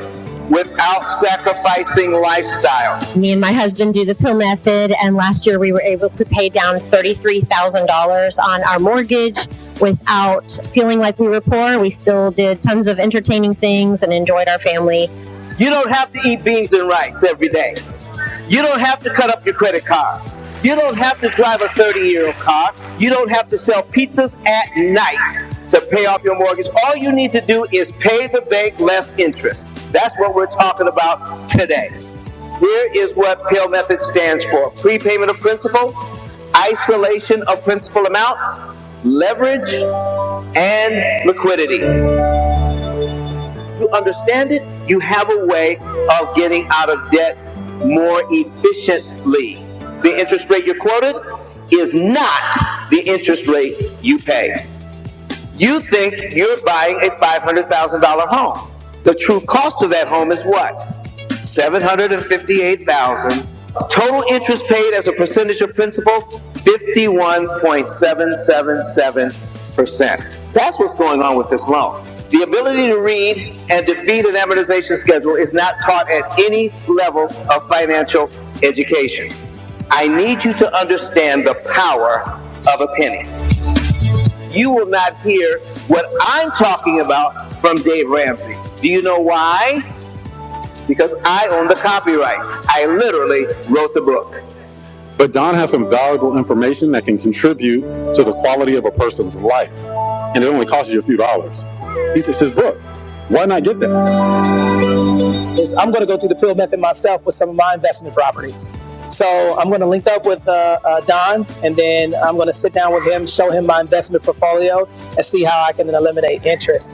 S1: without sacrificing lifestyle. Me and my husband do the pill method, and last year we were able to pay down $33,000 on our mortgage without feeling like we were poor. We still did tons of entertaining things and enjoyed our family. You don't have to eat beans and rice every day. You don't have to cut up your credit cards. You don't have to drive a 30 year old car. You don't have to sell pizzas at night to pay off your mortgage. All you need to do is pay the bank less interest. That's what we're talking about today. Here is what PAIL method stands for prepayment of principal, isolation of principal amounts, leverage, and liquidity you understand it, you have a way of getting out of debt more efficiently. The interest rate you're quoted is not the interest rate you pay. You think you're buying a $500,000 home. The true cost of that home is what? 758,000. Total interest paid as a percentage of principal, 51.777%. That's what's going on with this loan. The ability to read and defeat an amortization schedule is not taught at any level of financial education. I need you to understand the power of a penny you will not hear what I'm talking about from Dave Ramsey. Do you know why? Because I own the copyright. I literally wrote the book. But Don has some valuable information that can contribute to the quality of a person's life. And it only costs you a few dollars. He's, it's his book. Why not get that? is I'm going to go through the pill method myself with some of my investment properties. So I'm going to link up with uh, uh, Don, and then I'm going to sit down with him, show him my investment portfolio, and see how I can eliminate interest.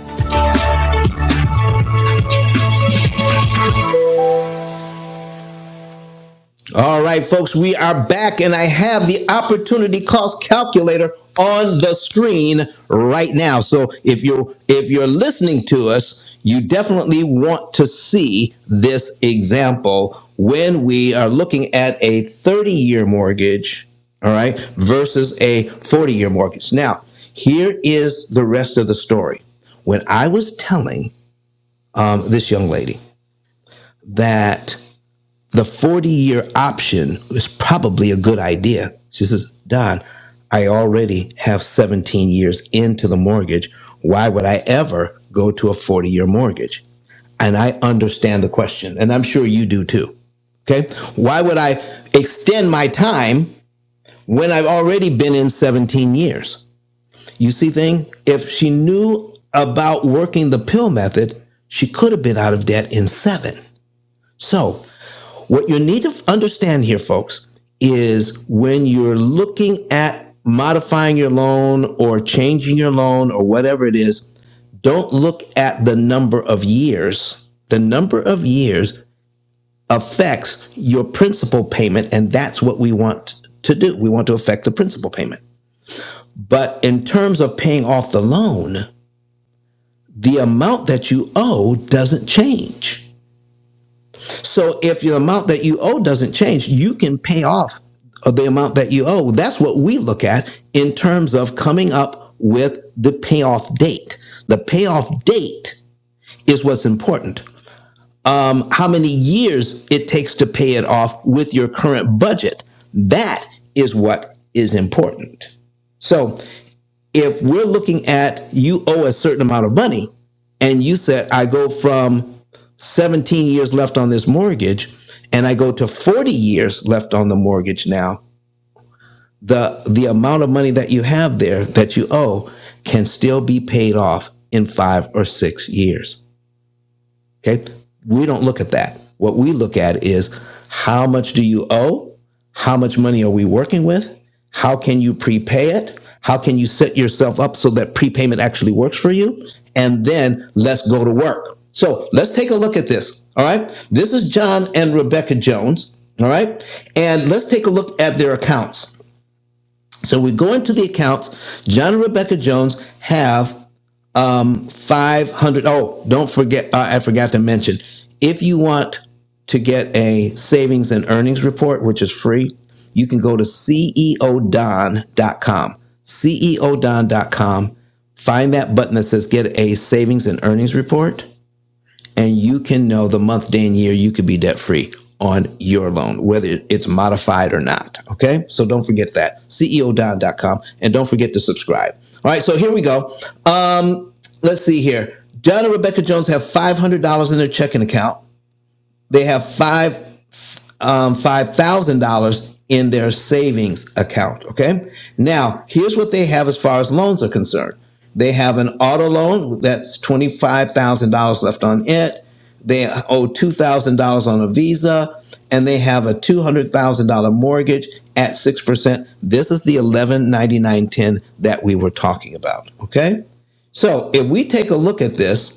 S1: All right, folks, we are back, and I have the opportunity cost calculator on the screen right now. So if you're if you're listening to us, you definitely want to see this example when we are looking at a 30-year mortgage, all right, versus a 40-year mortgage. Now, here is the rest of the story. When I was telling um, this young lady that the 40 year option is probably a good idea. She says, Don, I already have 17 years into the mortgage. Why would I ever go to a 40 year mortgage? And I understand the question, and I'm sure you do too. Okay. Why would I extend my time when I've already been in 17 years? You see, thing, if she knew about working the pill method, she could have been out of debt in seven. So what you need to understand here, folks, is when you're looking at modifying your loan or changing your loan or whatever it is, don't look at the number of years. The number of years affects your principal payment, and that's what we want to do. We want to affect the principal payment. But in terms of paying off the loan, the amount that you owe doesn't change. So if the amount that you owe doesn't change, you can pay off the amount that you owe. That's what we look at in terms of coming up with the payoff date. The payoff date is what's important. How many years it takes to pay it off with your current budget. That is what is important. So if we're looking at you owe a certain amount of money, and you said I go from 17 years left on this mortgage and I go to 40 years left on the mortgage now, the the amount of money that you have there that you owe can still be paid off in 5 or 6 years. Okay. We don't look at that. What we look at is how much do you owe? How much money are we working with? How can you prepay it? How can you set yourself up so that prepayment actually works for you? And then let's go to work. So let's take a look at this. All right. This is John and Rebecca Jones. All right. And let's take a look at their accounts. So we go into the accounts. John and Rebecca Jones have um, 500. Oh, don't forget, uh, I forgot to mention, if you want to get a savings and earnings report, which is free, you can go to ceodon.com. ceodon.com. Find that button that says get a savings and earnings report and you can know the month, day, and year you could be debt free on your loan, whether it's modified or not. Okay. So don't forget that. C E O Don dot com, And don't forget to subscribe. All right. So here we go. Um, let's see here. John and Rebecca Jones have $500 in their checking account. They have five um, $5,000 in their savings account. Okay. Now, here's what they have as far as loans are concerned they have an auto loan that's $25,000 left on it. They owe $2,000 on a visa and they have a $200,000 mortgage at 6%. This is the 119910 that we were talking about. Okay. So if we take a look at this,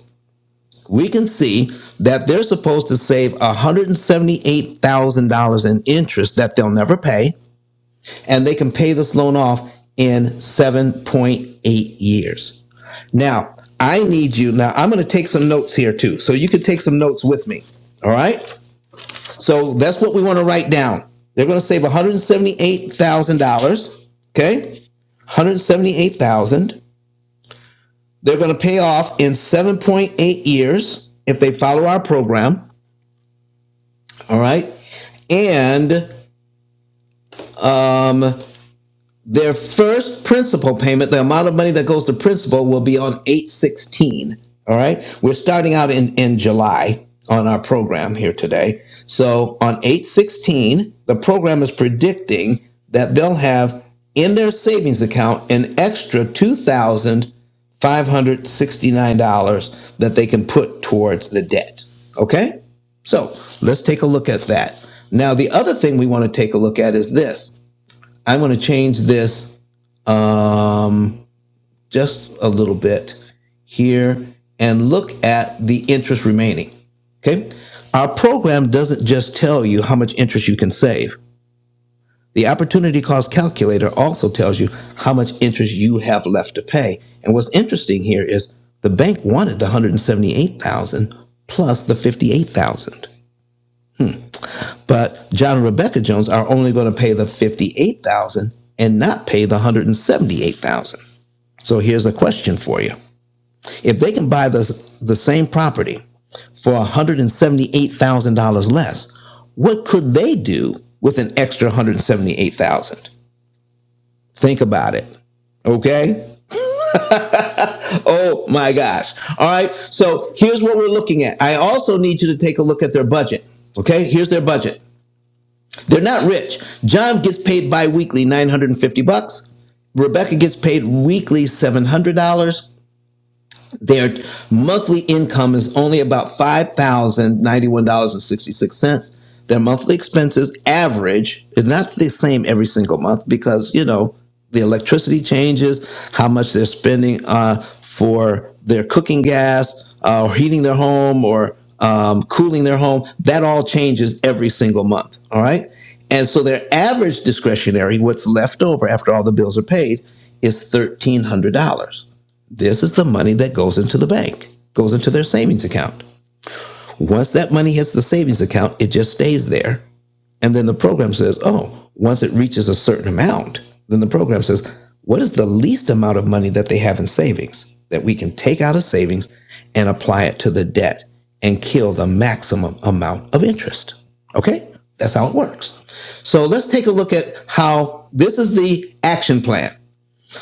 S1: we can see that they're supposed to save $178,000 in interest that they'll never pay, and they can pay this loan off in 7.8 years. Now, I need you. Now, I'm going to take some notes here too. So you could take some notes with me. All right. So that's what we want to write down. They're going to save $178,000. Okay. 178,000. They're going to pay off in 7.8 years if they follow our program. All right. and um, their first principal payment, the amount of money that goes to principal, will be on 816. All right. We're starting out in, in July on our program here today. So on 816, the program is predicting that they'll have in their savings account an extra $2,569 that they can put towards the debt. Okay. So let's take a look at that. Now, the other thing we want to take a look at is this. I'm going to change this um, just a little bit here, and look at the interest remaining. Okay? Our program doesn't just tell you how much interest you can save. The opportunity cost calculator also tells you how much interest you have left to pay. And what's interesting here is the bank wanted the 178,000 plus the 58,000. But John and Rebecca Jones are only going to pay the 58,000 and not pay the 178,000. So here's a question for you. If they can buy the, the same property for $178,000 less, what could they do with an extra 178,000? Think about it. Okay? Oh my gosh. All right. So here's what we're looking at. I also need you to take a look at their budget. Okay? Here's their budget. They're not rich. John gets paid bi-weekly 950 bucks. Rebecca gets paid weekly $700. Their monthly income is only about five thousand ninety-one dollars and sixty-six cents. Their monthly expenses average is not the same every single month because you know the electricity changes, how much they're spending uh, for their cooking gas uh, or heating their home or um, cooling their home. That all changes every single month. All right, and so their average discretionary, what's left over after all the bills are paid, is thirteen hundred dollars. This is the money that goes into the bank, goes into their savings account. Once that money hits the savings account, it just stays there. And then the program says, oh, once it reaches a certain amount, then the program says, what is the least amount of money that they have in savings that we can take out of savings and apply it to the debt and kill the maximum amount of interest? Okay? That's how it works. So let's take a look at how this is the action plan.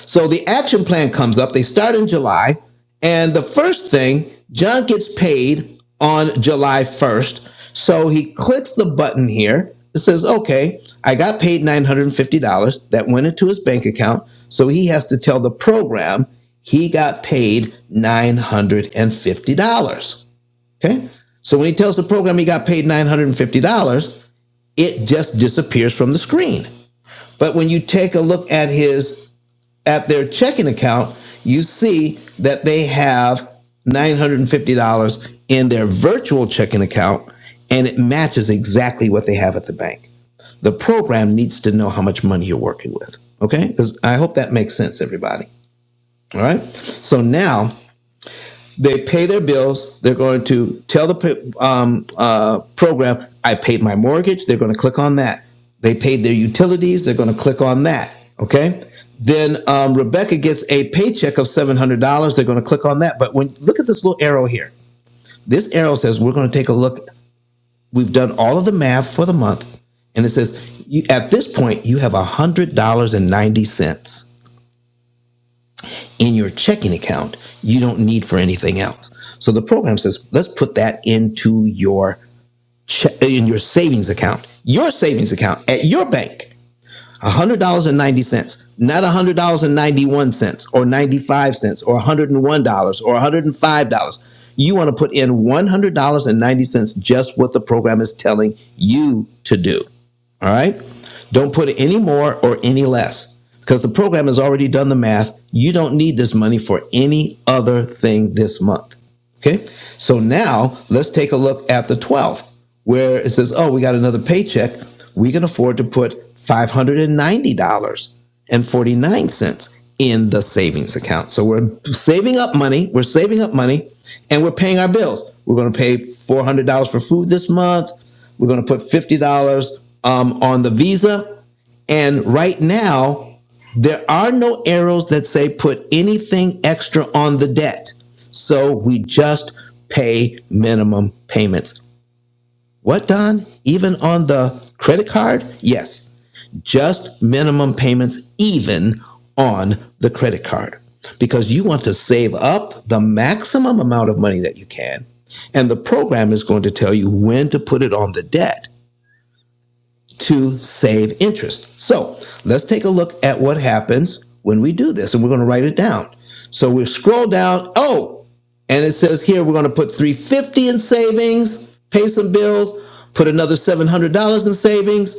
S1: So the action plan comes up. They start in July. And the first thing, John gets paid on July 1st. So he clicks the button here. It says, okay, I got paid $950. That went into his bank account. So he has to tell the program he got paid $950. Okay. So when he tells the program he got paid $950, it just disappears from the screen. But when you take a look at his at their checking account, you see that they have $950 in their virtual checking account, and it matches exactly what they have at the bank. The program needs to know how much money you're working with. Okay? Because I hope that makes sense, everybody. All right. So now they pay their bills. They're going to tell the um, uh, program, I paid my mortgage. They're going to click on that. They paid their utilities. They're going to click on that. Okay. Then um, Rebecca gets a paycheck of $700. They're going to click on that. But when look at this little arrow here, this arrow says, We're going to take a look. We've done all of the math for the month. And it says, you, At this point, you have $100.90 in your checking account you don't need for anything else. So the program says, let's put that into your che- in your savings account, your savings account at your bank one hundred dollars and ninety cents, not one hundred dollars and ninety-one cents, or ninety-five cents, or one hundred and one dollars, or one hundred and five dollars. You want to put in one hundred dollars and ninety cents, just what the program is telling you to do. All right, don't put any more or any less because the program has already done the math. You don't need this money for any other thing this month. Okay. So now let's take a look at the 12th where it says, oh, we got another paycheck. We can afford to put $590.49 in the savings account. So we're saving up money. We're saving up money and we're paying our bills. We're going to pay $400 for food this month. We're going to put $50 um, on the Visa. And right now, there are no arrows that say put anything extra on the debt. So we just pay minimum payments. What, Don? Even on the credit card? Yes, just minimum payments, even on the credit card, because you want to save up the maximum amount of money that you can. And the program is going to tell you when to put it on the debt to save interest. So let's take a look at what happens when we do this, and we're going to write it down. So we scroll down. Oh, and it says here we're going to put 350 in savings, pay some bills, put another $700 in savings,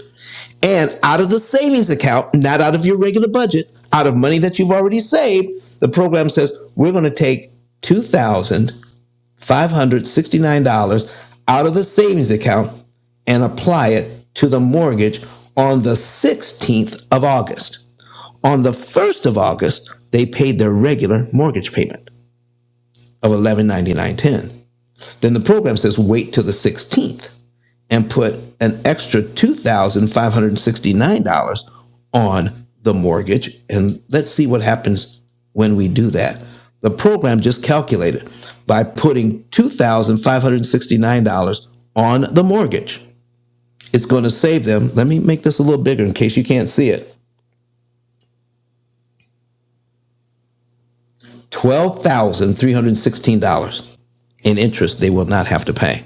S1: and out of the savings account, not out of your regular budget, out of money that you've already saved, the program says we're going to take 2000 $569 out of the savings account and apply it to the mortgage on the 16th of August. On the 1st of August, they paid their regular mortgage payment of eleven ninety-nine ten. Then the program says wait till the 16th and put an extra $2,569 on the mortgage. And let's see what happens when we do that. The program just calculated by putting $2,569 on the mortgage. It's going to save them. Let me make this a little bigger in case you can't see it. $12,316 in interest they will not have to pay.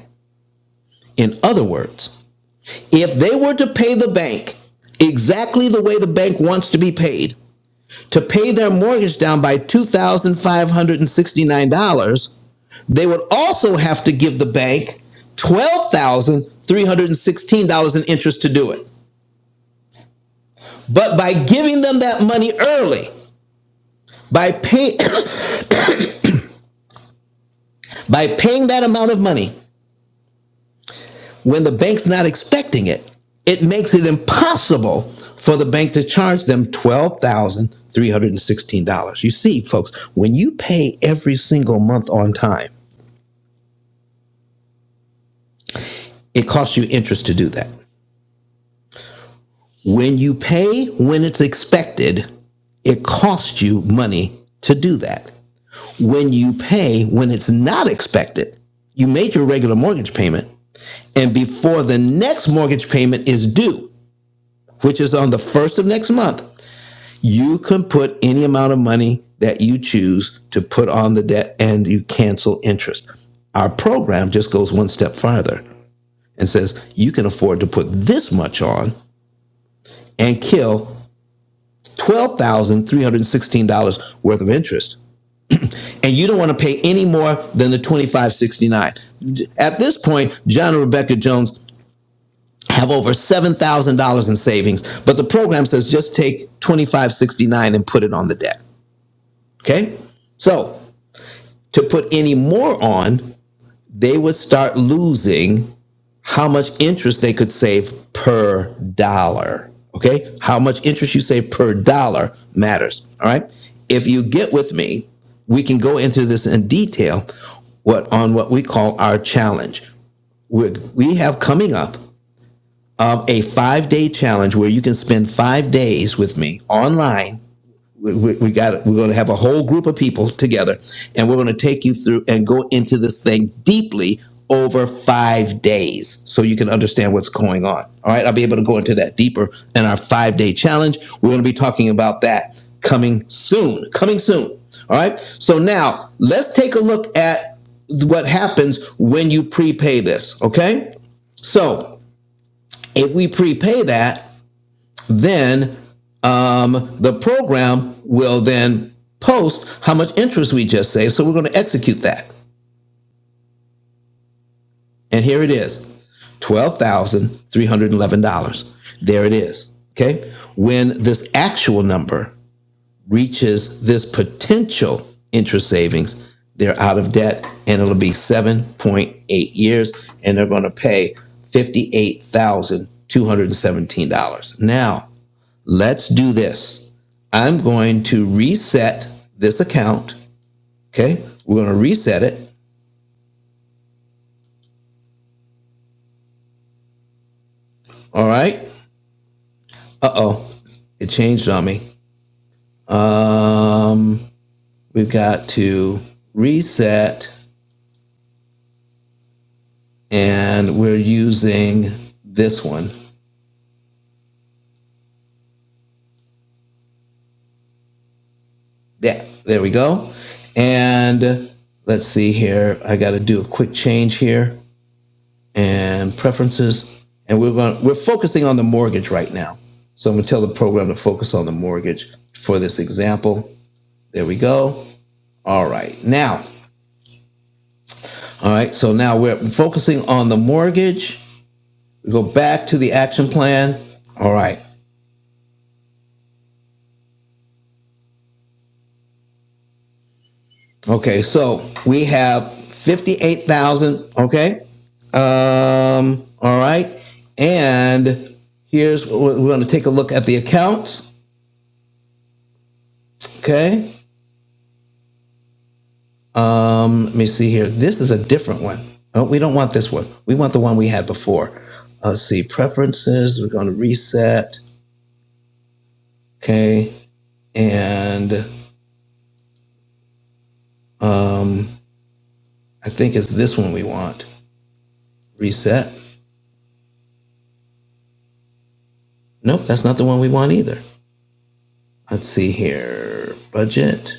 S1: In other words, if they were to pay the bank exactly the way the bank wants to be paid, to pay their mortgage down by $2,569, they would also have to give the bank $12,316 in interest to do it. But by giving them that money early, by pay, by paying that amount of money when the bank's not expecting it, it makes it impossible for the bank to charge them $12,316. You see, folks, when you pay every single month on time, it costs you interest to do that. When you pay when it's expected, it costs you money to do that. When you pay when it's not expected, you made your regular mortgage payment, and before the next mortgage payment is due, which is on the first of next month, you can put any amount of money that you choose to put on the debt and you cancel interest. Our program just goes one step farther and says you can afford to put this much on and kill $12,316 worth of interest. And you don't want to pay any more than the 2569. At this point, John and Rebecca Jones have over $7,000 in savings, but the program says just take 2569 and put it on the debt. Okay? So, to put any more on, they would start losing how much interest they could save per dollar. Okay. How much interest you save per dollar matters. All right. If you get with me, we can go into this in detail what on what we call our challenge. we we have coming up um, a five day challenge where you can spend five days with me online we, we, got we're going to have a whole group of people together and we're going to take you through and go into this thing deeply over five days so you can understand what's going on all right i'll be able to go into that deeper in our five day challenge we're going to be talking about that coming soon coming soon all right so now let's take a look at what happens when you prepay this okay so if we prepay that then um, the program will then post how much interest we just saved. So we're going to execute that. And here it is $12,311. There it is. Okay. When this actual number reaches this potential interest savings, they're out of debt and it'll be 7.8 years and they're going to pay $58,217. Now, let's do this. I'm going to reset this account. Okay. We're going to reset it. All right. Uh oh. It changed on me. Um, we've got to reset and we're using this one. Yeah. There we go. And let's see here. I got to do a quick change here. and preferences. And we're going, we're focusing on the mortgage right now. So I'm going to tell the program to focus on the mortgage for this example. There we go. All right. Now, all right. So now we're focusing on the mortgage. We go back to the action plan. All right. Okay. So we have 58,000. Okay. Um, all right. And here's we're going to take a look at the accounts. Okay. Let me see here. This is a different one. Oh, we don't want this one. We want the one we had before. Let's see. Preferences. We're going to reset. Okay. And I think it's this one we want. Reset. Nope, that's not the one we want either. Let's see here. Budget.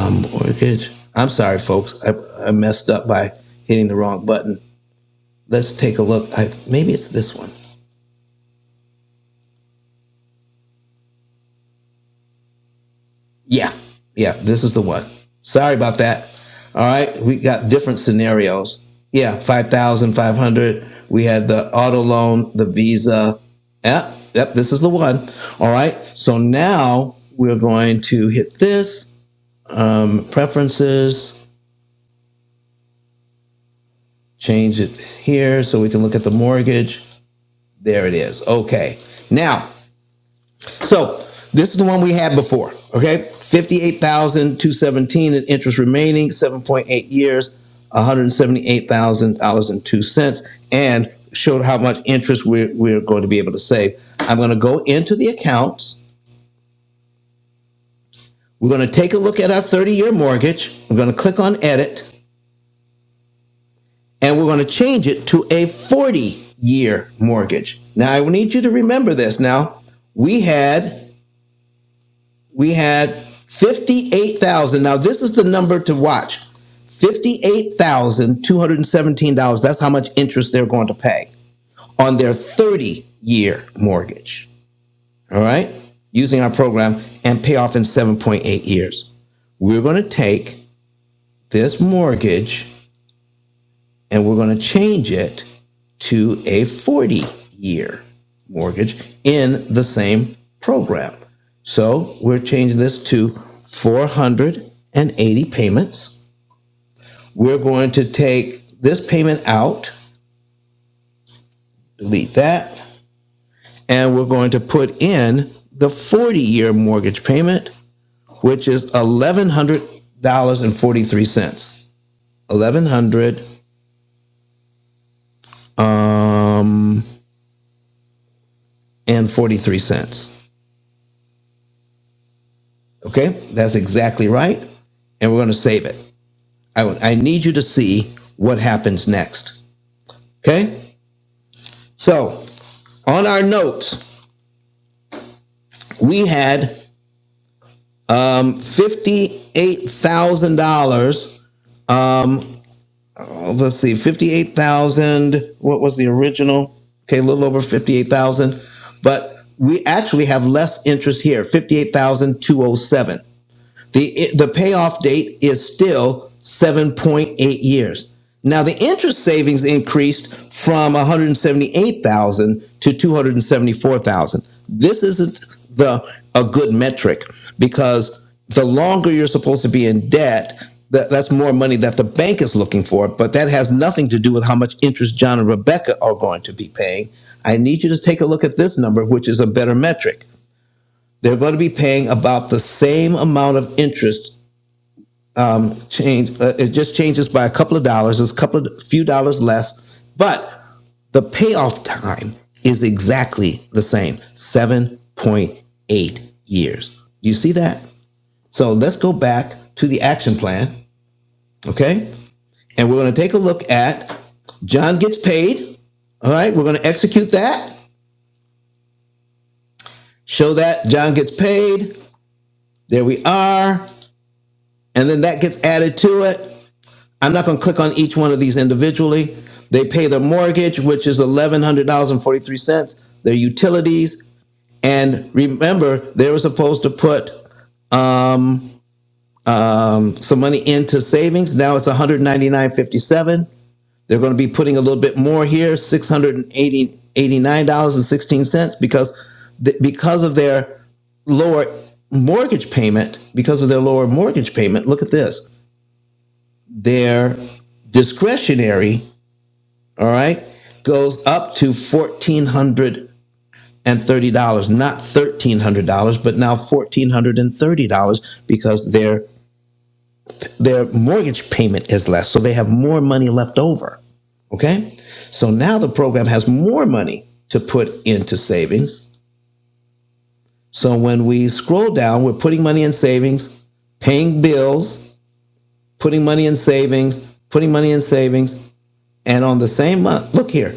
S1: Um, mortgage. I'm sorry, folks. I, I messed up by hitting the wrong button. Let's take a look. I, maybe it's this one. Yeah, yeah, this is the one. Sorry about that. All right, we got different scenarios. Yeah, five thousand five hundred. We had the auto loan, the Visa. Yep, yep, this is the one. All right, so now we're going to hit this um, preferences. Change it here so we can look at the mortgage. There it is. Okay, now So this is the one we had before. Okay, fifty-eight thousand two hundred seventeen in interest remaining, seven point eight years, one hundred seventy-eight thousand dollars and two cents, and showed how much interest we're, we're going to be able to save. I'm going to go into the accounts. We're going to take a look at our thirty-year mortgage. We're going to click on Edit, and we're going to change it to a forty-year mortgage. Now I need you to remember this. Now we had we had 58,000. Now, this is the number to watch $58,217. That's how much interest they're going to pay on their 30 year mortgage. All right, using our program and pay off in 7.8 years. We're going to take this mortgage and we're going to change it to a 40 year mortgage in the same program. So we're changing this to 480 payments. We're going to take this payment out, delete that, and we're going to put in the 40 year mortgage payment, which is $1,100.43. $1,100 um, and 43 cents. Okay, that's exactly right. And we're going to save it. I, I need you to see what happens next. Okay, so on our notes, we had um, $58,000. Um, oh, let's see, 58,000. What was the original? Okay, a little over 58,000. But we actually have less interest here, 58,207. The the payoff date is still 7.8 years. Now the interest savings increased from 178,000 to 274,000. This isn't the a good metric because the longer you're supposed to be in debt, that, that's more money that the bank is looking for, but that has nothing to do with how much interest John and Rebecca are going to be paying. I need you to take a look at this number, which is a better metric. They're going to be paying about the same amount of interest um, change. Uh, it just changes by a couple of dollars. It's a couple of few dollars less, but the payoff time is exactly the same, seven point eight years. You see that? So let's go back to the action plan, okay? And we're going to take a look at John gets paid. All right, we're going to execute that. Show that John gets paid. There we are. And then that gets added to it. I'm not going to click on each one of these individually. They pay their mortgage, which is eleven hundred dollars and forty three cents. Their utilities, and remember, they were supposed to put um, um, some money into savings. Now it's one hundred ninety nine fifty seven. They're going to be putting a little bit more here, six hundred and eighty eighty nine dollars and sixteen cents, because th- because of their lower mortgage payment, because of their lower mortgage payment. Look at this. Their discretionary all right, goes up to fourteen hundred dollars. and thirty dollars, not thirteen hundred dollars, but now fourteen hundred and thirty dollars because their their mortgage payment is less, so they have more money left over. Okay, so now the program has more money to put into savings. So when we scroll down, we're putting money in savings, paying bills, putting money in savings, putting money in savings, and on the same month, look here,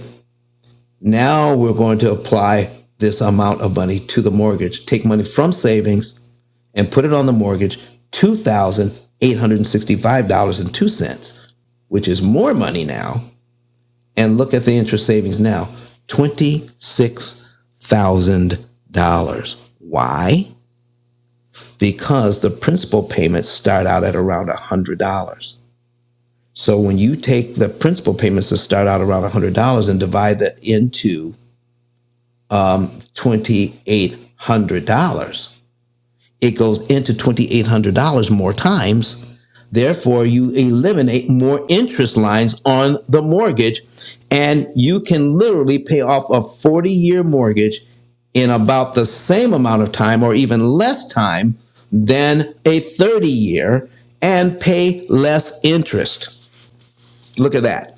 S1: Now we're going to apply this amount of money to the mortgage, take money from savings and put it on the mortgage, $2,865.02, which is more money now. And look at the interest savings now $26,000. Why? Because the principal payments start out at around $100. So when you take the principal payments that start out around $100 and divide that into $2,800. It goes into $2,800 more times. Therefore, you eliminate more interest lines on the mortgage, and you can literally pay off a 40 year mortgage in about the same amount of time or even less time than a 30 year and pay less interest. Look at that.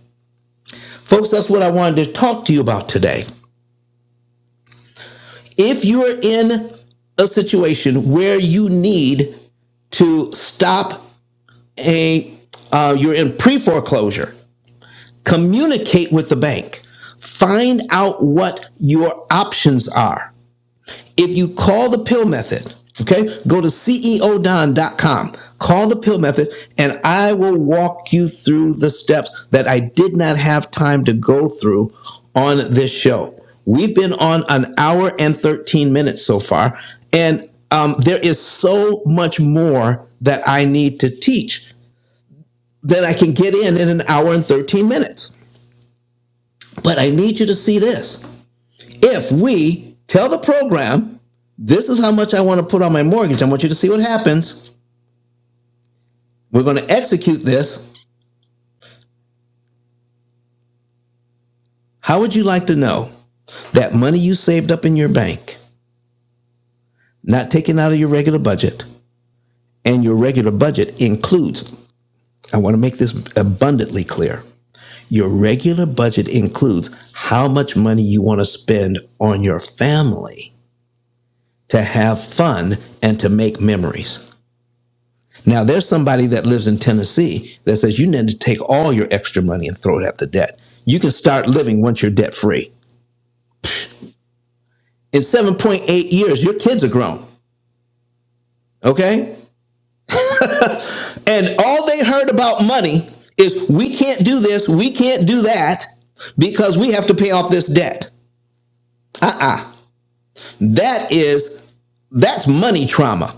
S1: Folks, that's what I wanted to talk to you about today. if you're in a situation where you need to stop a uh, you're in pre-foreclosure communicate with the bank find out what your options are if you call the pill method, okay, go to ceodon.com, call the pill method, and I will walk you through the steps that I did not have time to go through on this show. We've been on an hour and 13 minutes so far, and um, there is so much more that I need to teach that I can get in in an hour and 13 minutes. But I need you to see this if we tell the program, this is how much I want to put on my mortgage. I want you to see what happens. We're going to execute this. How would you like to know that money you saved up in your bank, not taken out of your regular budget, and your regular budget includes, I want to make this abundantly clear. Your regular budget includes how much money you want to spend on your family to have fun and to make memories. Now, there's somebody that lives in Tennessee that says you need to take all your extra money and throw it at the debt. You can start living once you're debt free. In 7.8 years, your kids are grown, okay? And all they heard about money is we can't do this, we can't do that because we have to pay off this debt. Uh uh That is, that's money trauma,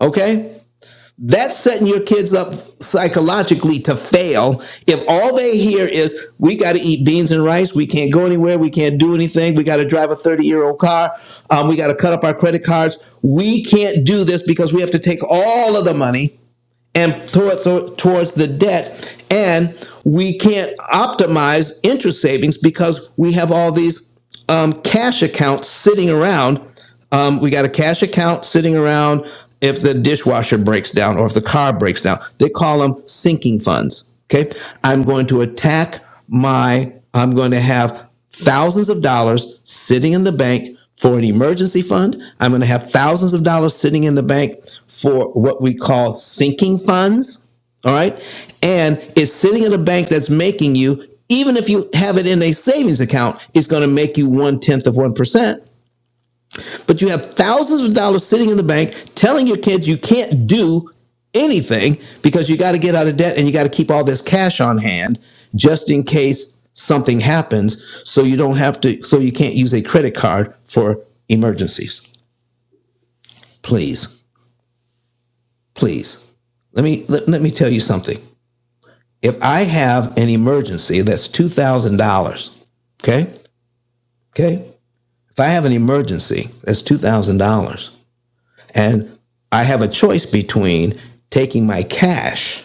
S1: okay? That's setting your kids up psychologically to fail if all they hear is, we got to eat beans and rice. We can't go anywhere. We can't do anything. We got to drive a 30 year old car. Um, we got to cut up our credit cards. We can't do this because we have to take all of the money and throw it th- towards the debt. And we can't optimize interest savings because we have all these um, cash accounts sitting around um, we got a cash account sitting around. If the dishwasher breaks down or if the car breaks down, they call them sinking funds. Okay. I'm going to attack my, I'm going to have thousands of dollars sitting in the bank for an emergency fund. I'm going to have thousands of dollars sitting in the bank for what we call sinking funds. All right. And it's sitting in a bank that's making you, even if you have it in a savings account, it's going to make you one tenth of 1% but you have thousands of dollars sitting in the bank telling your kids you can't do anything because you got to get out of debt and you got to keep all this cash on hand just in case something happens so you don't have to so you can't use a credit card for emergencies please please let me let, let me tell you something if i have an emergency that's $2000 okay okay if i have an emergency that's $2000 And I have a choice between taking my cash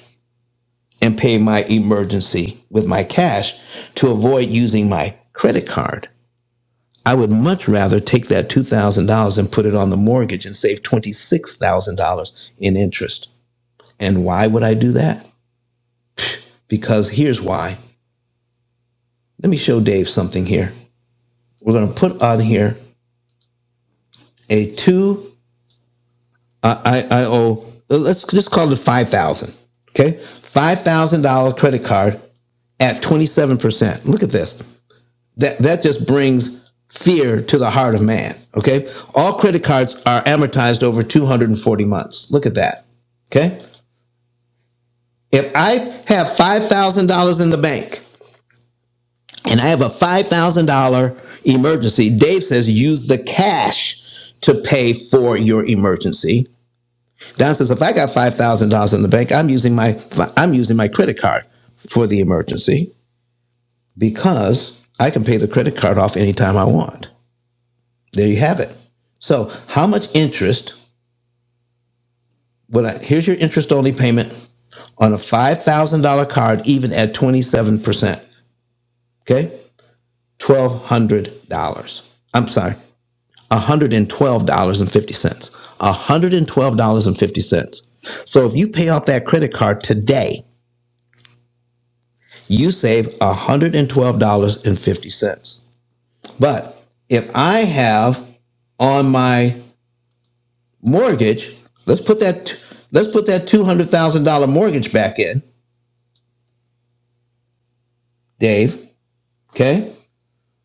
S1: and pay my emergency with my cash to avoid using my credit card. I would much rather take that $2,000 and put it on the mortgage and save $26,000 in interest. And why would I do that? Because here's why. Let me show Dave something here. We're going to put on here a two, I, I, I owe, let's just call it 5000 okay? $5,000 credit card at 27%. Look at this. That that just brings fear to the heart of man, okay? All credit cards are amortized over 240 months. Look at that. Okay? If I have $5,000 in the bank and I have a $5,000 emergency, Dave says use the cash to pay for your emergency. Don says if I got $5,000 in the bank, I'm using my I'm using my credit card for the emergency. because I can pay the credit card off anytime I want. There you have it. So, how much interest would I? Here's your interest only payment on a $5,000 card, even at 27%. Okay. $1,200. I'm sorry, $112.50. $112.50. So, if you pay off that credit card today, you save $112.50. But if I have on my mortgage. Let's put that let's put that two hundred thousand dollar mortgage back in, Dave. Okay,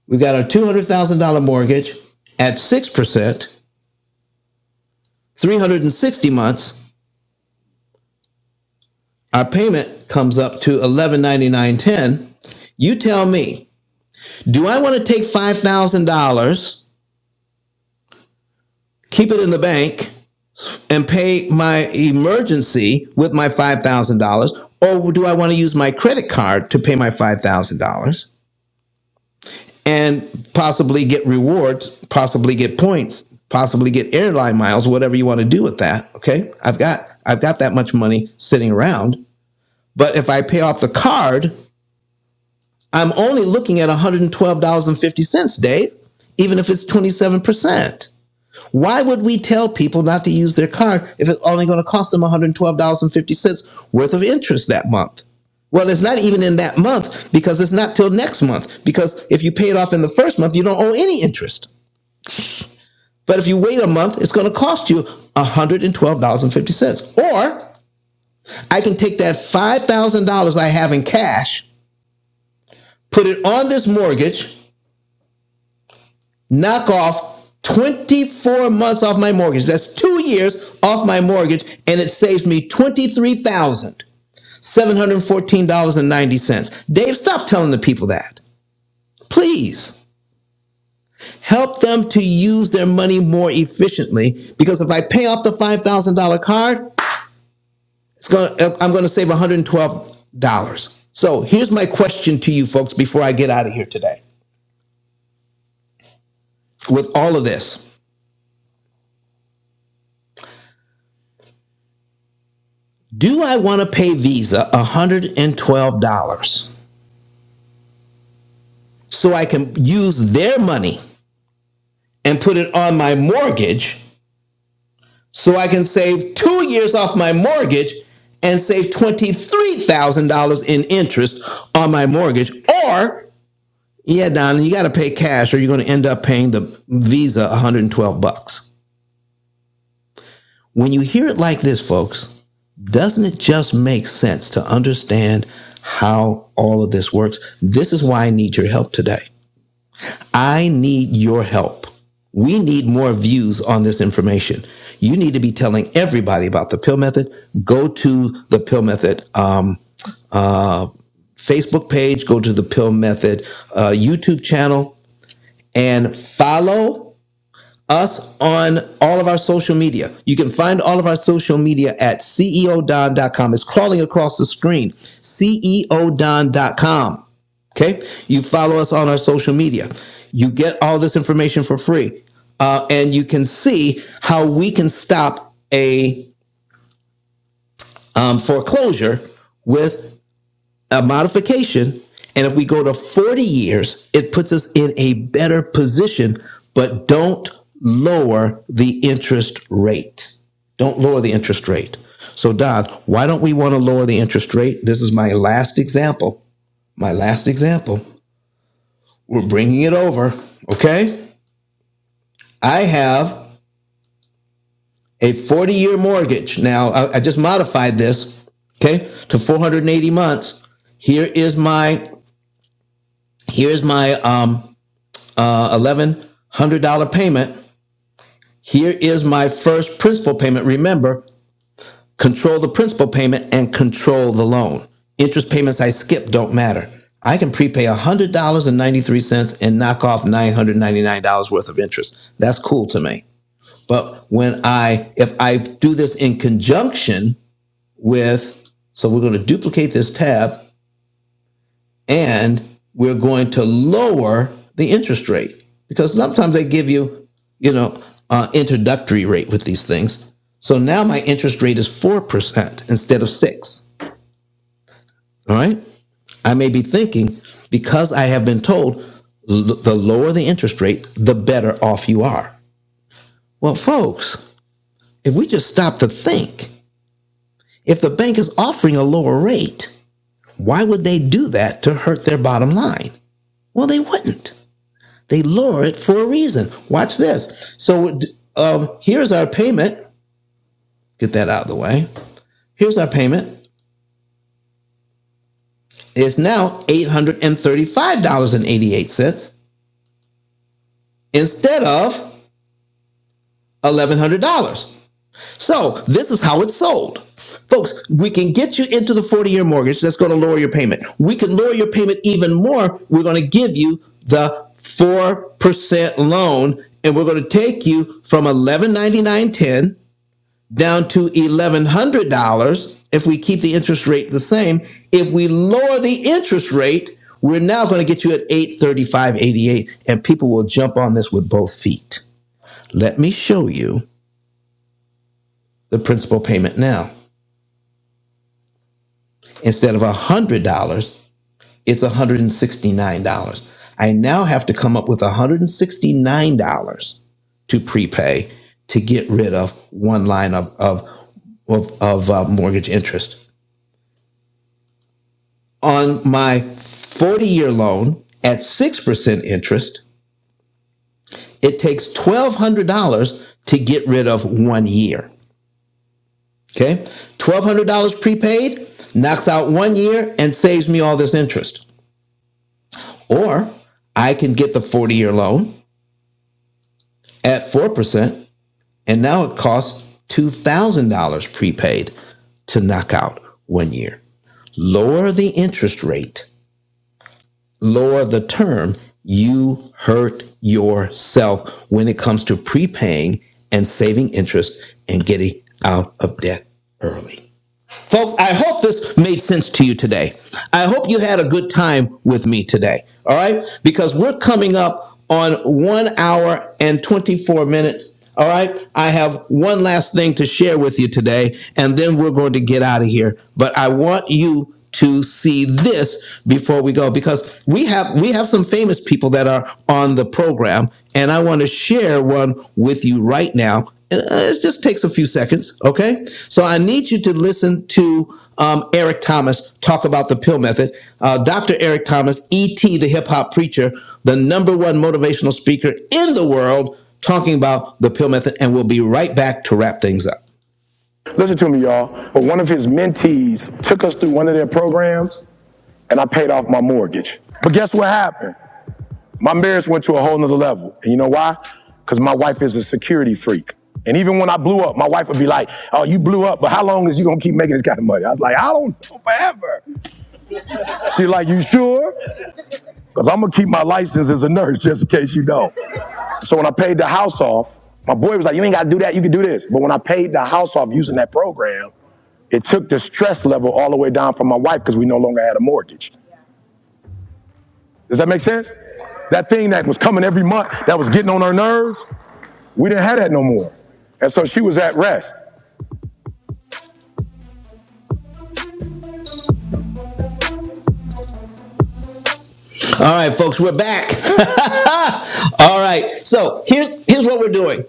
S1: we've got our two hundred thousand dollar mortgage at six percent, three hundred and sixty months. Our payment comes up to eleven ninety nine ten. You tell me, do I want to take five thousand dollars, keep it in the bank, and pay my emergency with my five thousand dollars, or do I want to use my credit card to pay my five thousand dollars? and possibly get rewards, possibly get points, possibly get airline miles, whatever you want to do with that. Okay. I've got I've got that much money sitting around. But if I pay off the card, I'm only looking at $112.50, Dave, even if it's 27%. Why would we tell people not to use their card if it's only going to cost them $112.50 worth of interest that month? Well, it's not even in that month because it's not till next month. Because if you pay it off in the first month, you don't owe any interest. But if you wait a month, it's going to cost you $112.50. Or I can take that $5,000 I have in cash, put it on this mortgage, knock off 24 months off my mortgage. That's two years off my mortgage, and it saves me $23,714.90. Dave, stop telling the people that. Please help them to use their money more efficiently because if I pay off the $5,000 card, it's going to I'm going to save $112. So here's my question to you folks before I get out of here today with all of this. Do I want to pay Visa $112? so I can use their money and put it on my mortgage so I can save two years off my mortgage and save $23,000 in interest on my mortgage. Or, yeah, Don, you got to pay cash or you're going to end up paying the Visa 112 bucks. When you hear it like this, folks, doesn't it just make sense to understand how all of this works? This is why I need your help today. I need your help. We need more views on this information. You need to be telling everybody about the pill method. Go to the pill method um, Facebook page, go to the pill method uh, YouTube channel, and follow us on all of our social media. You can find all of our social media at CEO Don dot com. It's crawling across the screen. CEO Don dot com. Okay? You follow us on our social media. You get all this information for free. Uh, and you can see how we can stop a um, foreclosure with a modification. And if we go to 40 years, it puts us in a better position, but don't lower the interest rate. Don't lower the interest rate. So, Don, why don't we want to lower the interest rate? This is my last example. My last example. We're bringing it over, okay? I have a 40 year mortgage. Now, I, I just modified this, okay, to 480 months. Here is my here's my um uh, $1,100 payment. Here is my first principal payment. Remember, control the principal payment and control the loan. Interest payments I skip don't matter. I can prepay $100.93 and ninety-three cents and knock off $999 worth of interest. That's cool to me. But when I, if I do this in conjunction with, so we're going to duplicate this tab and we're going to lower the interest rate because sometimes they give you, you know, uh, introductory rate with these things. So now my interest rate is four percent instead of six. All right, I may be thinking because I have been told the lower the interest rate, the better off you are. Well, folks, if we just stop to think, if the bank is offering a lower rate, why would they do that to hurt their bottom line? Well, they wouldn't. They lower it for a reason. Watch this. So um, here's our payment. Get that out of the way. Here's our payment. It's now $835.88 instead of $1,100. So this is how it's sold. Folks, we can get you into the 40 year mortgage that's going to lower your payment. We can lower your payment even more. We're going to give you the 4% loan and we're going to take you from 1199.10 down to $1,100 if we keep the interest rate the same. If we lower the interest rate, we're now going to get you at 835.88 and people will jump on this with both feet. Let me show you the principal payment now. Instead of $100, it's $169. I now have to come up with $169 to prepay to get rid of one line of, of, of, of, uh, mortgage interest. on my 40 year loan at 6% interest, it takes $1,200 to get rid of one year. Okay. $1,200 prepaid knocks out one year and saves me all this interest. Or I can get the 40 year loan at 4%, and now it costs $2,000 prepaid to knock out one year. Lower the interest rate lower the term, you hurt yourself when it comes to prepaying and saving interest and getting out of debt early. Folks, I hope this made sense to you today. I hope you had a good time with me today. All right? Because we're coming up on one hour and 24 minutes. All right? I have one last thing to share with you today, and then we're going to get out of here. But I want you to see this before we go because we have we have some famous people that are on the program and I want to share one with you right now uh, it just takes a few seconds, okay? So I need you to listen to um, Eric Thomas talk about the pill method. Uh, Dr. Eric Thomas, ET, the hip hop preacher, the number one motivational speaker in the world, talking about the pill method. And we'll be right back to wrap things up. Listen to me, y'all. one of his mentees took us through one of their programs, and I paid off my mortgage. But guess what happened? My marriage went to a whole nother level. And you know why? Because my wife is a security freak. And even when I blew up, my wife would be like, Oh, you blew up, but how long is you gonna keep making this kind of money? I was like, I don't. She's like, You sure? Because I'm gonna keep my license as a nurse just in case you don't. So when I paid the house off, my boy was like, You ain't gotta do that, you can do this. But when I paid the house off using that program, it took the stress level all the way down from my wife because we no longer had a mortgage. Does that make sense? That thing that was coming every month, that was getting on her nerves, We didn't have that no more. And so she was at rest. All right, folks, we're back. All right. So here's here's what we're doing.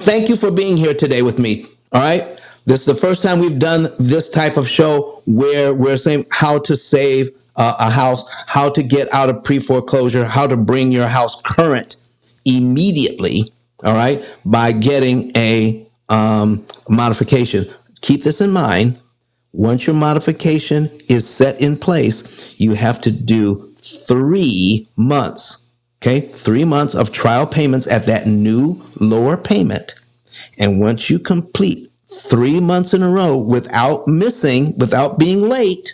S1: Thank you for being here today with me. All right. This is the first time we've done this type of show where we're saying how to save uh, a house, how to get out of pre foreclosure, how to bring your house current immediately. All right, by getting a um, modification. Keep this in mind Once your modification is set in place, you have to do three months. Okay, three months of trial payments at that new lower payment. And once you complete three months in a row without missing, without being late,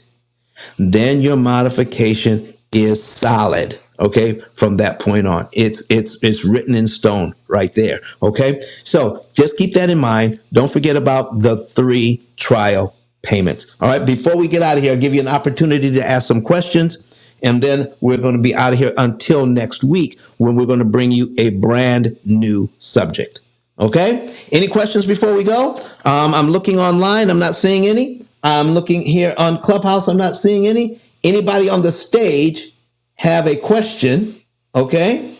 S1: then your modification is solid. Okay, from that point on, it's it's it's written in stone right there. Okay, so just keep that in mind. Don't forget about the three trial payments. All right, before we get out of here, I'll give you an opportunity to ask some questions, and then we're going to be out of here until next week when we're going to bring you a brand new subject. Okay. Any questions before we go? Um, I'm looking online. I'm not seeing any. I'm looking here on Clubhouse. I'm not seeing any. Anybody on the stage have a question? Okay.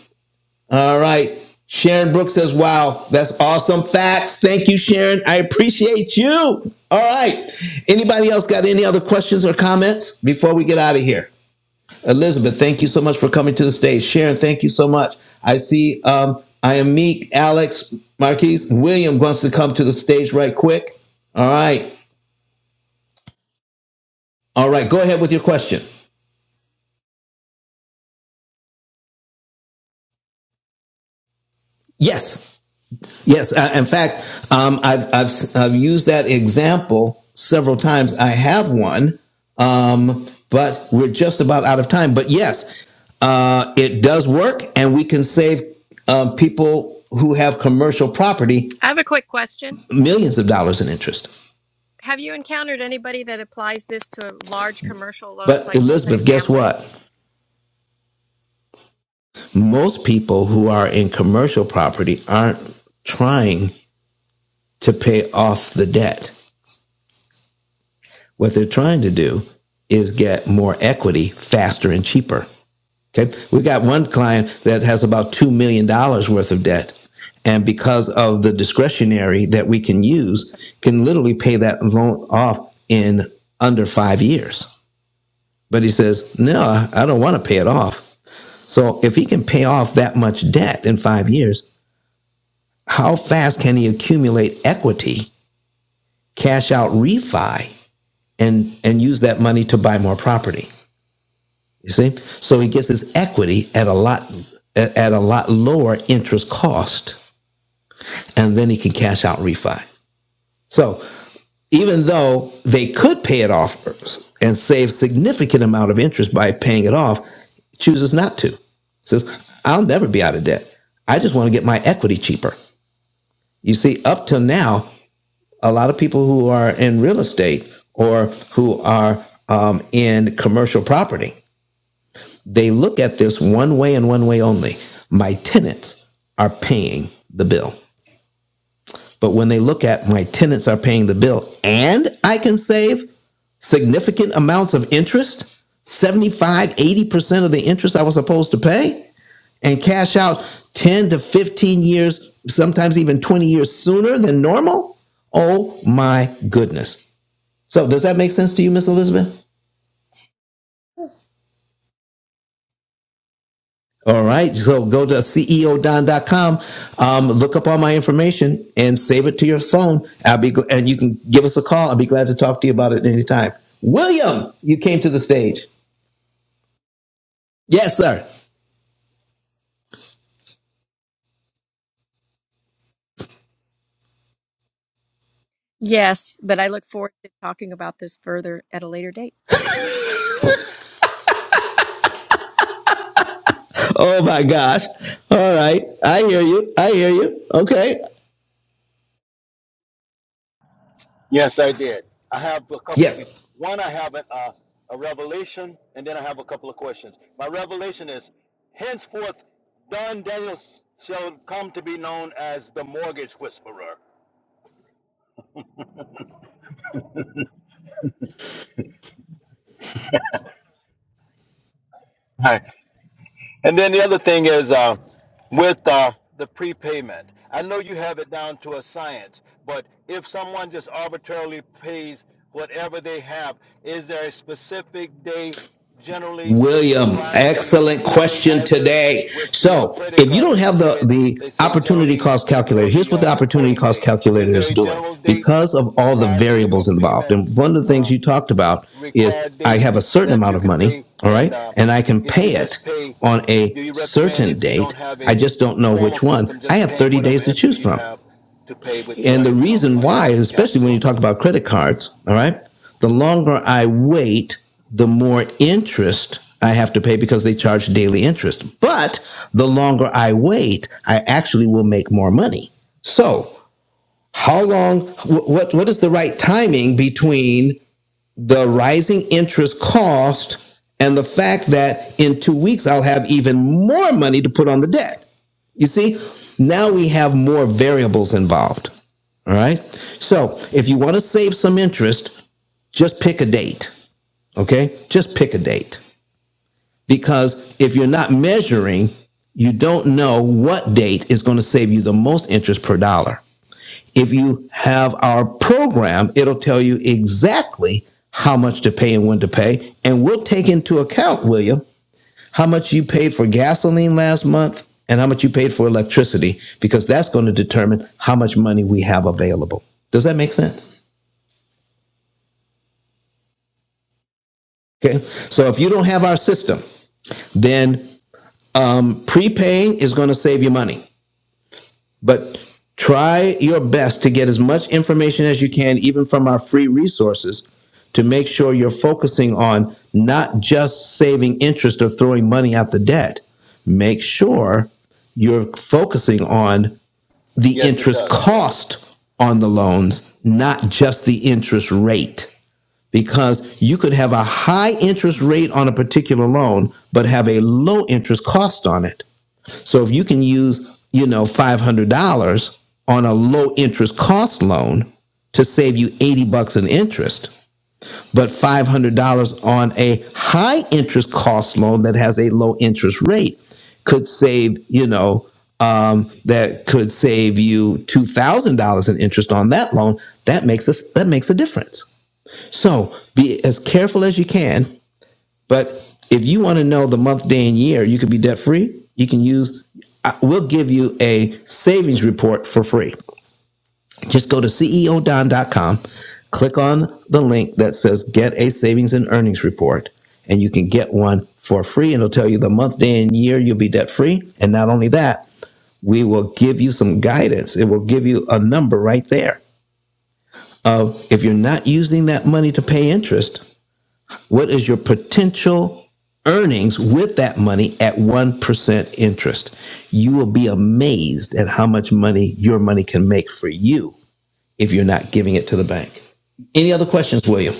S1: All right. Sharon Brooks says, wow, that's awesome facts. Thank you, Sharon. I appreciate you. All right. Anybody else got any other questions or comments before we get out of here? Elizabeth, thank you so much for coming to the stage. Sharon, thank you so much. I see um, I am Meek, Alex, Marquise, William wants to come to the stage right quick. All right. All right. Go ahead with your question. Yes. Yes. Uh, in fact, um, I've, I've, I've used that example several times. I have one, um, but we're just about out of time. But yes, uh, it does work, and we can save uh, people who have commercial property
S2: I have a quick question.
S1: millions of dollars in interest.
S2: Have you encountered anybody that applies this to large commercial loans
S1: But
S2: like
S1: Elizabeth, guess
S2: multifamily?
S1: what? Most people who are in commercial property aren't trying to pay off the debt. What they're trying to do is get more equity faster and cheaper. Okay. We got one client that has about $2 million dollars worth of debt. And because of the discretionary that we can use, can literally pay that loan off in under five years. But he says, no, I don't want to pay it off. So if he can pay off that much debt in five years, how fast can he accumulate equity, cash out refi, and and use that money to buy more property? You see, so he gets his equity at a lot at a lot lower interest cost, and then he can cash out refi. So even though they could pay it off and save significant amount of interest by paying it off, chooses not to. Says, I'll never be out of debt. I just want to get my equity cheaper. You see, up till now, a lot of people who are in real estate or who are um, in commercial property, they look at this one way and one way only. My tenants are paying the bill. But when they look at my tenants are paying the bill and I can save significant amounts of interest, seventy-five, eighty percent of the interest I was supposed to pay, and cash out 10 to 15 years, sometimes even 20 years sooner than normal? Oh my goodness. So, does that make sense to you, Miss Elizabeth? All right. So, go to ceodon.com, um, look up all my information and save it to your phone. I'll be gl- and you can give us a call. I'll be glad to talk to you about it anytime. William, you came to the stage. Yes, sir.
S2: Yes, but I look forward to talking about this further at a later date.
S1: Oh my gosh. All right. I hear you. I hear you. Okay.
S6: Yes, I did. I have a couple of things.
S1: Yes.
S6: One, I have a uh, a revelation, and then I have a couple of questions. My revelation is henceforth, Don Daniels shall come to be known as the mortgage whisperer. And then the other thing is uh, with uh, the prepayment. I know you have it down to a science, but if someone just arbitrarily pays whatever they have, is there a specific day generally
S1: William,
S6: prior to the
S1: excellent
S6: due date,
S1: question
S6: as is
S1: today.
S6: with the uh,
S1: So,
S6: credit
S1: if you
S6: cards?
S1: don't
S6: If you
S1: have the,
S6: pay it,
S1: the
S6: they say
S1: opportunity
S6: generally
S1: cost calculator,
S6: before
S1: here's
S6: the
S1: what the
S6: uh,
S1: opportunity
S6: reporting
S1: cost
S6: date. Is
S1: calculator is
S6: there a
S1: doing
S6: general date
S1: because of all the
S6: prior to your
S1: variables involved.
S6: payment?
S1: And one of the
S6: Uh,
S1: things you talked about is
S6: required
S1: I have
S6: date
S1: a certain
S6: that
S1: amount
S6: you
S1: of
S6: could
S1: money,
S6: pay?
S1: all
S6: And
S1: right,
S6: uh,
S1: and I can
S6: if you
S1: pay it
S6: just pay,
S1: on a
S6: do you recommend
S1: certain
S6: if you don't
S1: date.
S6: have
S1: I
S6: a
S1: just don't know
S6: formal
S1: which one.
S6: system,
S1: I
S6: just
S1: have
S6: paying
S1: 30
S6: whatever
S1: days to
S6: extra
S1: choose
S6: you
S1: from.
S6: have to pay with your
S1: And the
S6: income
S1: reason
S6: or
S1: why,
S6: your cash
S1: especially when you
S6: flow?
S1: talk about credit cards, all right, the longer I wait, the more interest I have to pay because they charge daily interest. But the longer I wait, I actually will make more money. So, how long, what, what is the right timing between the rising interest cost and the fact that in two weeks I'll have even more money to put on the debt? You see, now we have more variables involved. All right. So if you want to save some interest, just pick a date. Okay. Just pick a date because if you're not measuring, you don't know what date is going to save you the most interest per dollar. If you have our program, it'll tell you exactly how much to pay and when to pay. And we'll take into account, William, how much you paid for gasoline last month and how much you paid for electricity, because that's going to determine how much money we have available. Does that make sense? Okay. So if you don't have our system, then um, prepaying is going to save you money. But try your best to get as much information as you can, even from our free resources, to make sure you're focusing on not just saving interest or throwing money at the debt. Make sure you're focusing on the
S6: Yes, it
S1: interest
S6: does. Yes.
S1: cost on the loans, not just the interest rate. Because you could have a high interest rate on a particular loan, but have a low interest cost on it. So if you can use, you know, $500 on a low interest cost loan to save you 80 bucks in interest, but $500 on a high interest cost loan that has a low interest rate could save, you know, um, that could save you $2,000 in interest on that loan. That makes us, that makes a difference. So be as careful as you can. But if you want to know the month, day, and year, you could be debt free. You can use, we'll give you a savings report for free. Just go to ceodon.com, click on the link that says Get a Savings and Earnings Report, and you can get one for free. And it'll tell you the month, day, and year you'll be debt free. And not only that, we will give you some guidance. It will give you a number right there of if you're not using that money to pay interest, what is your potential earnings with that money at 1% interest? You will be amazed at how much money your money can make for you if you're not giving it to the bank. Any other questions, William?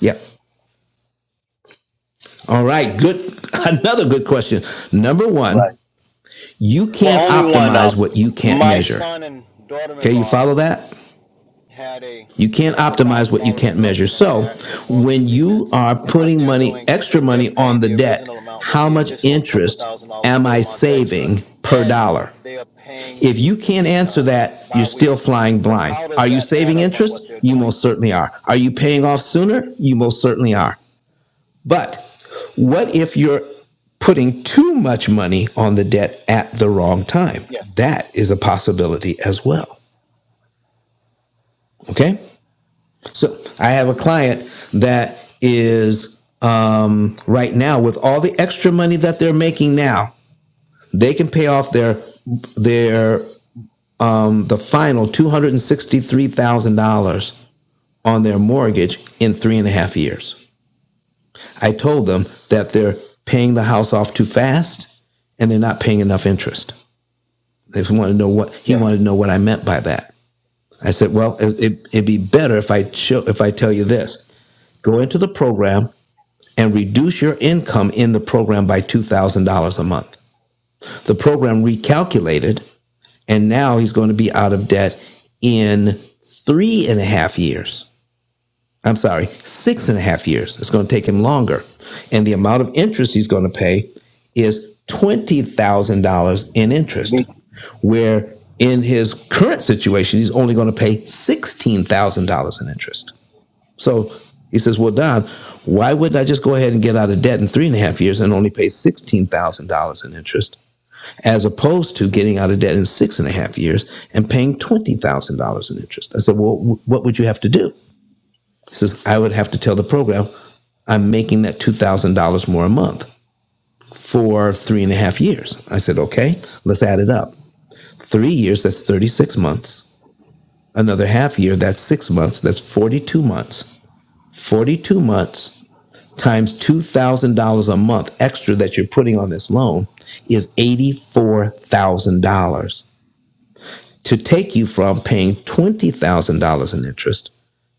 S1: Yep. All right. Good. Another good question. Number
S6: Right.
S1: one, you
S6: Well,
S1: can't
S6: only one.
S1: optimize
S6: Um,
S1: what you can't
S6: my
S1: measure.
S6: son and
S1: Okay. You
S6: daughter-in-law
S1: follow that?
S6: had a
S1: You can't
S6: couple of
S1: optimize
S6: thousand
S1: what you
S6: dollar
S1: can't measure.
S6: reduction in their
S1: So
S6: actual mortgage
S1: when you
S6: payments,
S1: are
S6: and what
S1: putting
S6: they're
S1: money,
S6: doing
S1: extra
S6: is they're
S1: money on
S6: paying
S1: the
S6: the
S1: debt,
S6: original amount with
S1: how
S6: the
S1: much
S6: additional couple of
S1: interest
S6: thousand dollars
S1: am
S6: per
S1: I
S6: month extra,
S1: saving per
S6: and
S1: dollar?
S6: they are paying
S1: If you can't answer
S6: uh,
S1: that, you're still
S6: bi-weekly.
S1: flying
S6: So
S1: blind.
S6: how does
S1: Are you
S6: that add
S1: saving
S6: up on
S1: interest?
S6: what they're
S1: You
S6: doing?
S1: most certainly are. Are you paying off sooner? You most certainly are. But what if you're putting too much money on the debt at the wrong time?
S6: Yes.
S1: That is a possibility as well. Okay. So I have a client that is um, right now with all the extra money that they're making now, they can pay off their their um, the final two hundred and sixty three thousand dollars on their mortgage in three and a half years. I told them that they're paying the house off too fast and they're not paying enough interest. They wanted to know what he
S6: Yes,
S1: wanted to know what I meant by that. I said, well, it, it, it'd be better if I show, if I tell you this: go into the program and reduce your income in the program by two thousand dollars a month. The program recalculated, and now he's going to be out of debt in three and a half years. I'm sorry, six and a half years. It's going to take him longer. And the amount of interest he's going to pay is $20,000 in
S6: you
S1: interest, where in his current situation, he's only going to pay $16,000 in interest. So he says, Well, Don, why wouldn't I just go ahead and get out of debt in three and a half years and only pay $16,000 in interest, as opposed to getting out of debt in six and a half years and paying $20,000 in interest? I said, Well, what would you have to do? He says, I would have to tell the program, I'm making that $2,000 more a month for three and a half years. I said, okay, let's add it up. Three years, that's 36 months. Another half year, that's six months. That's 42 months. 42 months times $2,000 a month extra that you're putting on this loan is $84,000. to take you from paying $20,000 in interest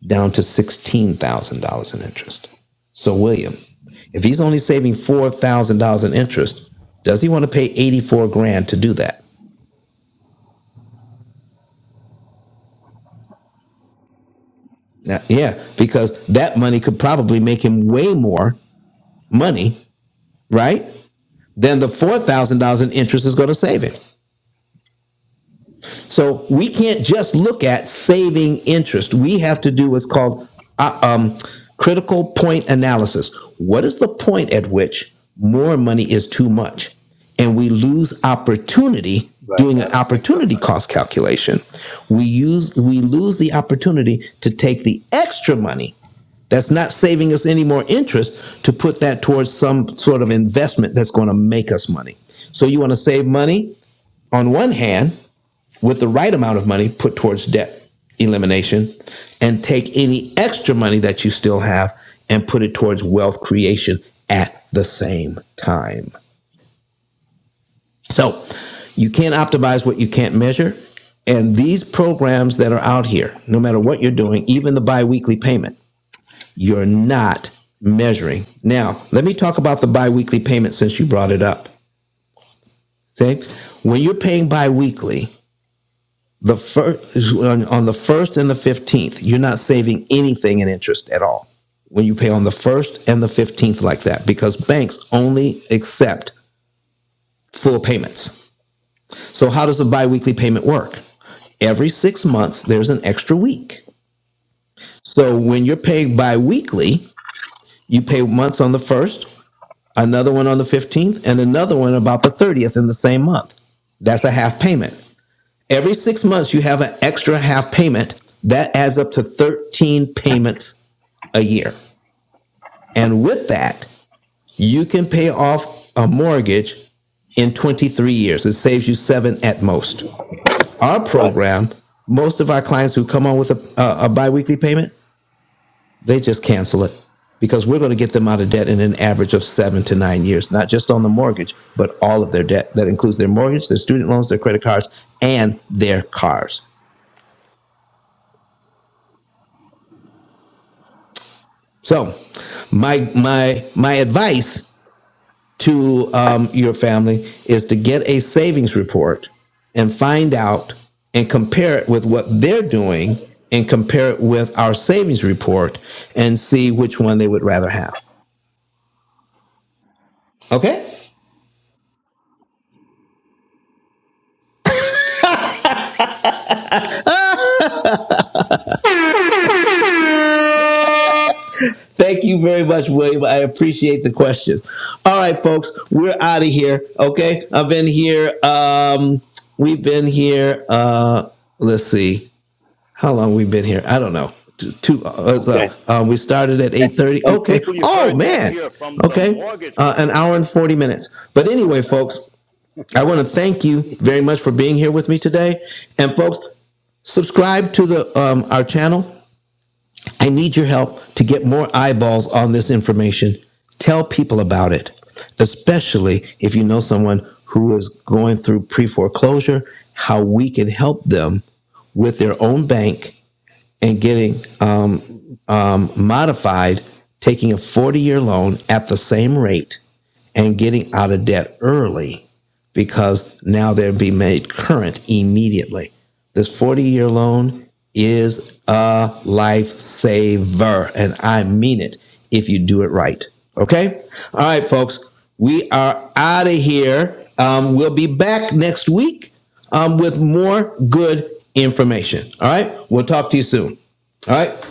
S1: down to $16,000 in interest. So, William, if he's only saving $4,000 in interest, does he want to pay 84 grand to do that? Now, yeah, because that money could probably make him way more money, right? Than the $4,000 in interest is going to save him. So we can't just look at saving interest. We have to do what's called uh, um, critical point analysis. What is the point at which more money is too much? And we lose opportunity doing an opportunity cost calculation. We use we lose the opportunity to take the extra money that's not saving us any more interest to put that towards some sort of investment that's going to make us money. So you want to save money on one hand with the right amount of money put towards debt elimination and take any extra money that you still have and put it towards wealth creation at the same time. So you can't optimize what you can't measure. And these programs that are out here, no matter what you're doing, even the biweekly payment, you're not measuring. Now, let me talk about the biweekly payment since you brought it up. Okay. When you're paying biweekly, The first on, on the first and the fifteenth, you're not saving anything in interest at all when you pay on the first and the fifteenth like that because banks only accept full payments. So how does a biweekly payment work? Every six months, there's an extra week. So when you're paying biweekly, you pay once on the first, another one on the fifteenth, and another one about the thirtieth in the same month. That's a half payment. Every six months, you have an extra half payment. That adds up to 13 payments a year. And with that, you can pay off a mortgage in 23 years. It saves you seven at most. Our
S6: right.
S1: program, most of our clients who come on with a, a, a biweekly payment, they just cancel it because we're going to get them out of debt in an average of seven to nine years, not just on the mortgage, but all of their debt. That includes their mortgage, their student loans, their credit cards, and their cars. So, my my my advice to um, your family is to get a savings report and find out and compare it with what they're doing and compare it with our savings report and see which one they would rather have. Okay? Thank you very much, William. I appreciate the question. All right, folks, we're out of here. Okay, I've been here. Um, we've been here. Uh, let's see. how long we been here? I don't know. Two, two uh,
S6: Okay.
S1: uh, um, we started at
S6: And,
S1: eight thirty.
S6: and
S1: Okay.
S6: people you
S1: Oh
S6: heard that
S1: man.
S6: here from the
S1: Okay.
S6: mortgage
S1: Uh, an hour
S6: whisperer.
S1: and forty minutes. But anyway, folks, I want to thank you very much for being here with me today. And folks, subscribe to the um, our channel. I need your help to get more eyeballs on this information. Tell people about it, especially if you know someone who is going through pre foreclosure. How we can help them with their own bank and getting um, modified, taking a 40 year loan at the same rate and getting out of debt early because now they're be made current immediately. This 40 year loan is a lifesaver, and I mean it if you do it right. Okay? All right, folks, we are out of here. Um, we'll be back next week um, with more good information. All right? We'll talk to you soon. All right?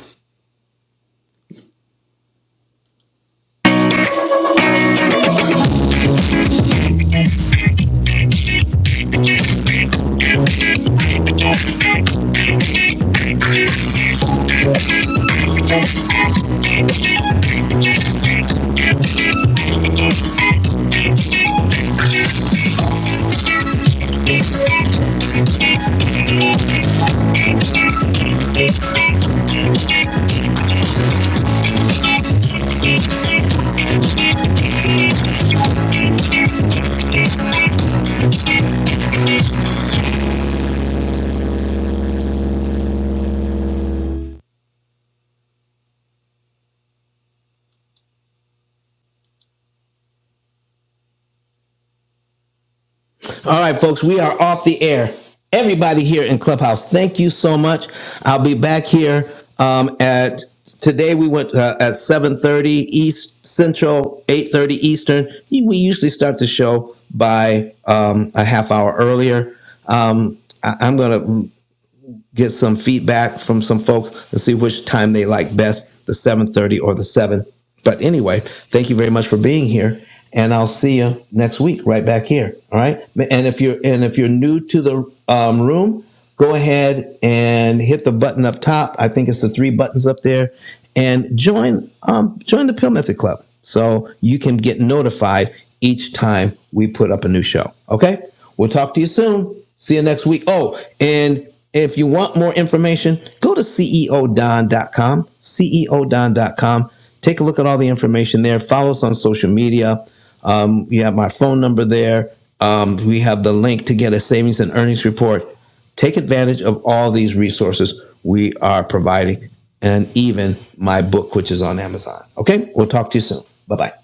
S1: All right, folks, we are off the air. Everybody here in Clubhouse, thank you so much. I'll be back here um, at today. We went uh, at seven thirty East Central, eight thirty Eastern. We usually start the show by um, a half hour earlier. Um, I, I'm gonna get some feedback from some folks and see which time they like best, the 7:30 or the 7. But anyway, thank you very much for being here and I'll see you next week right back here, all right? And if you're and if you're new to the um, room, go ahead and hit the button up top. I think it's the three buttons up there and join um, join the Pill Method Club so you can get notified each time we put up a new show, okay? We'll talk to you soon. See you next week. Oh, and if you want more information, go to C E O Don dot com. C E O Don dot com. Take a look at all the information there. Follow us on social media. Um, you have my phone number there. Um, we have the link to get a savings and earnings report. Take advantage of all these resources we are providing and even my book, which is on Amazon. Okay, we'll talk to you soon. Bye bye.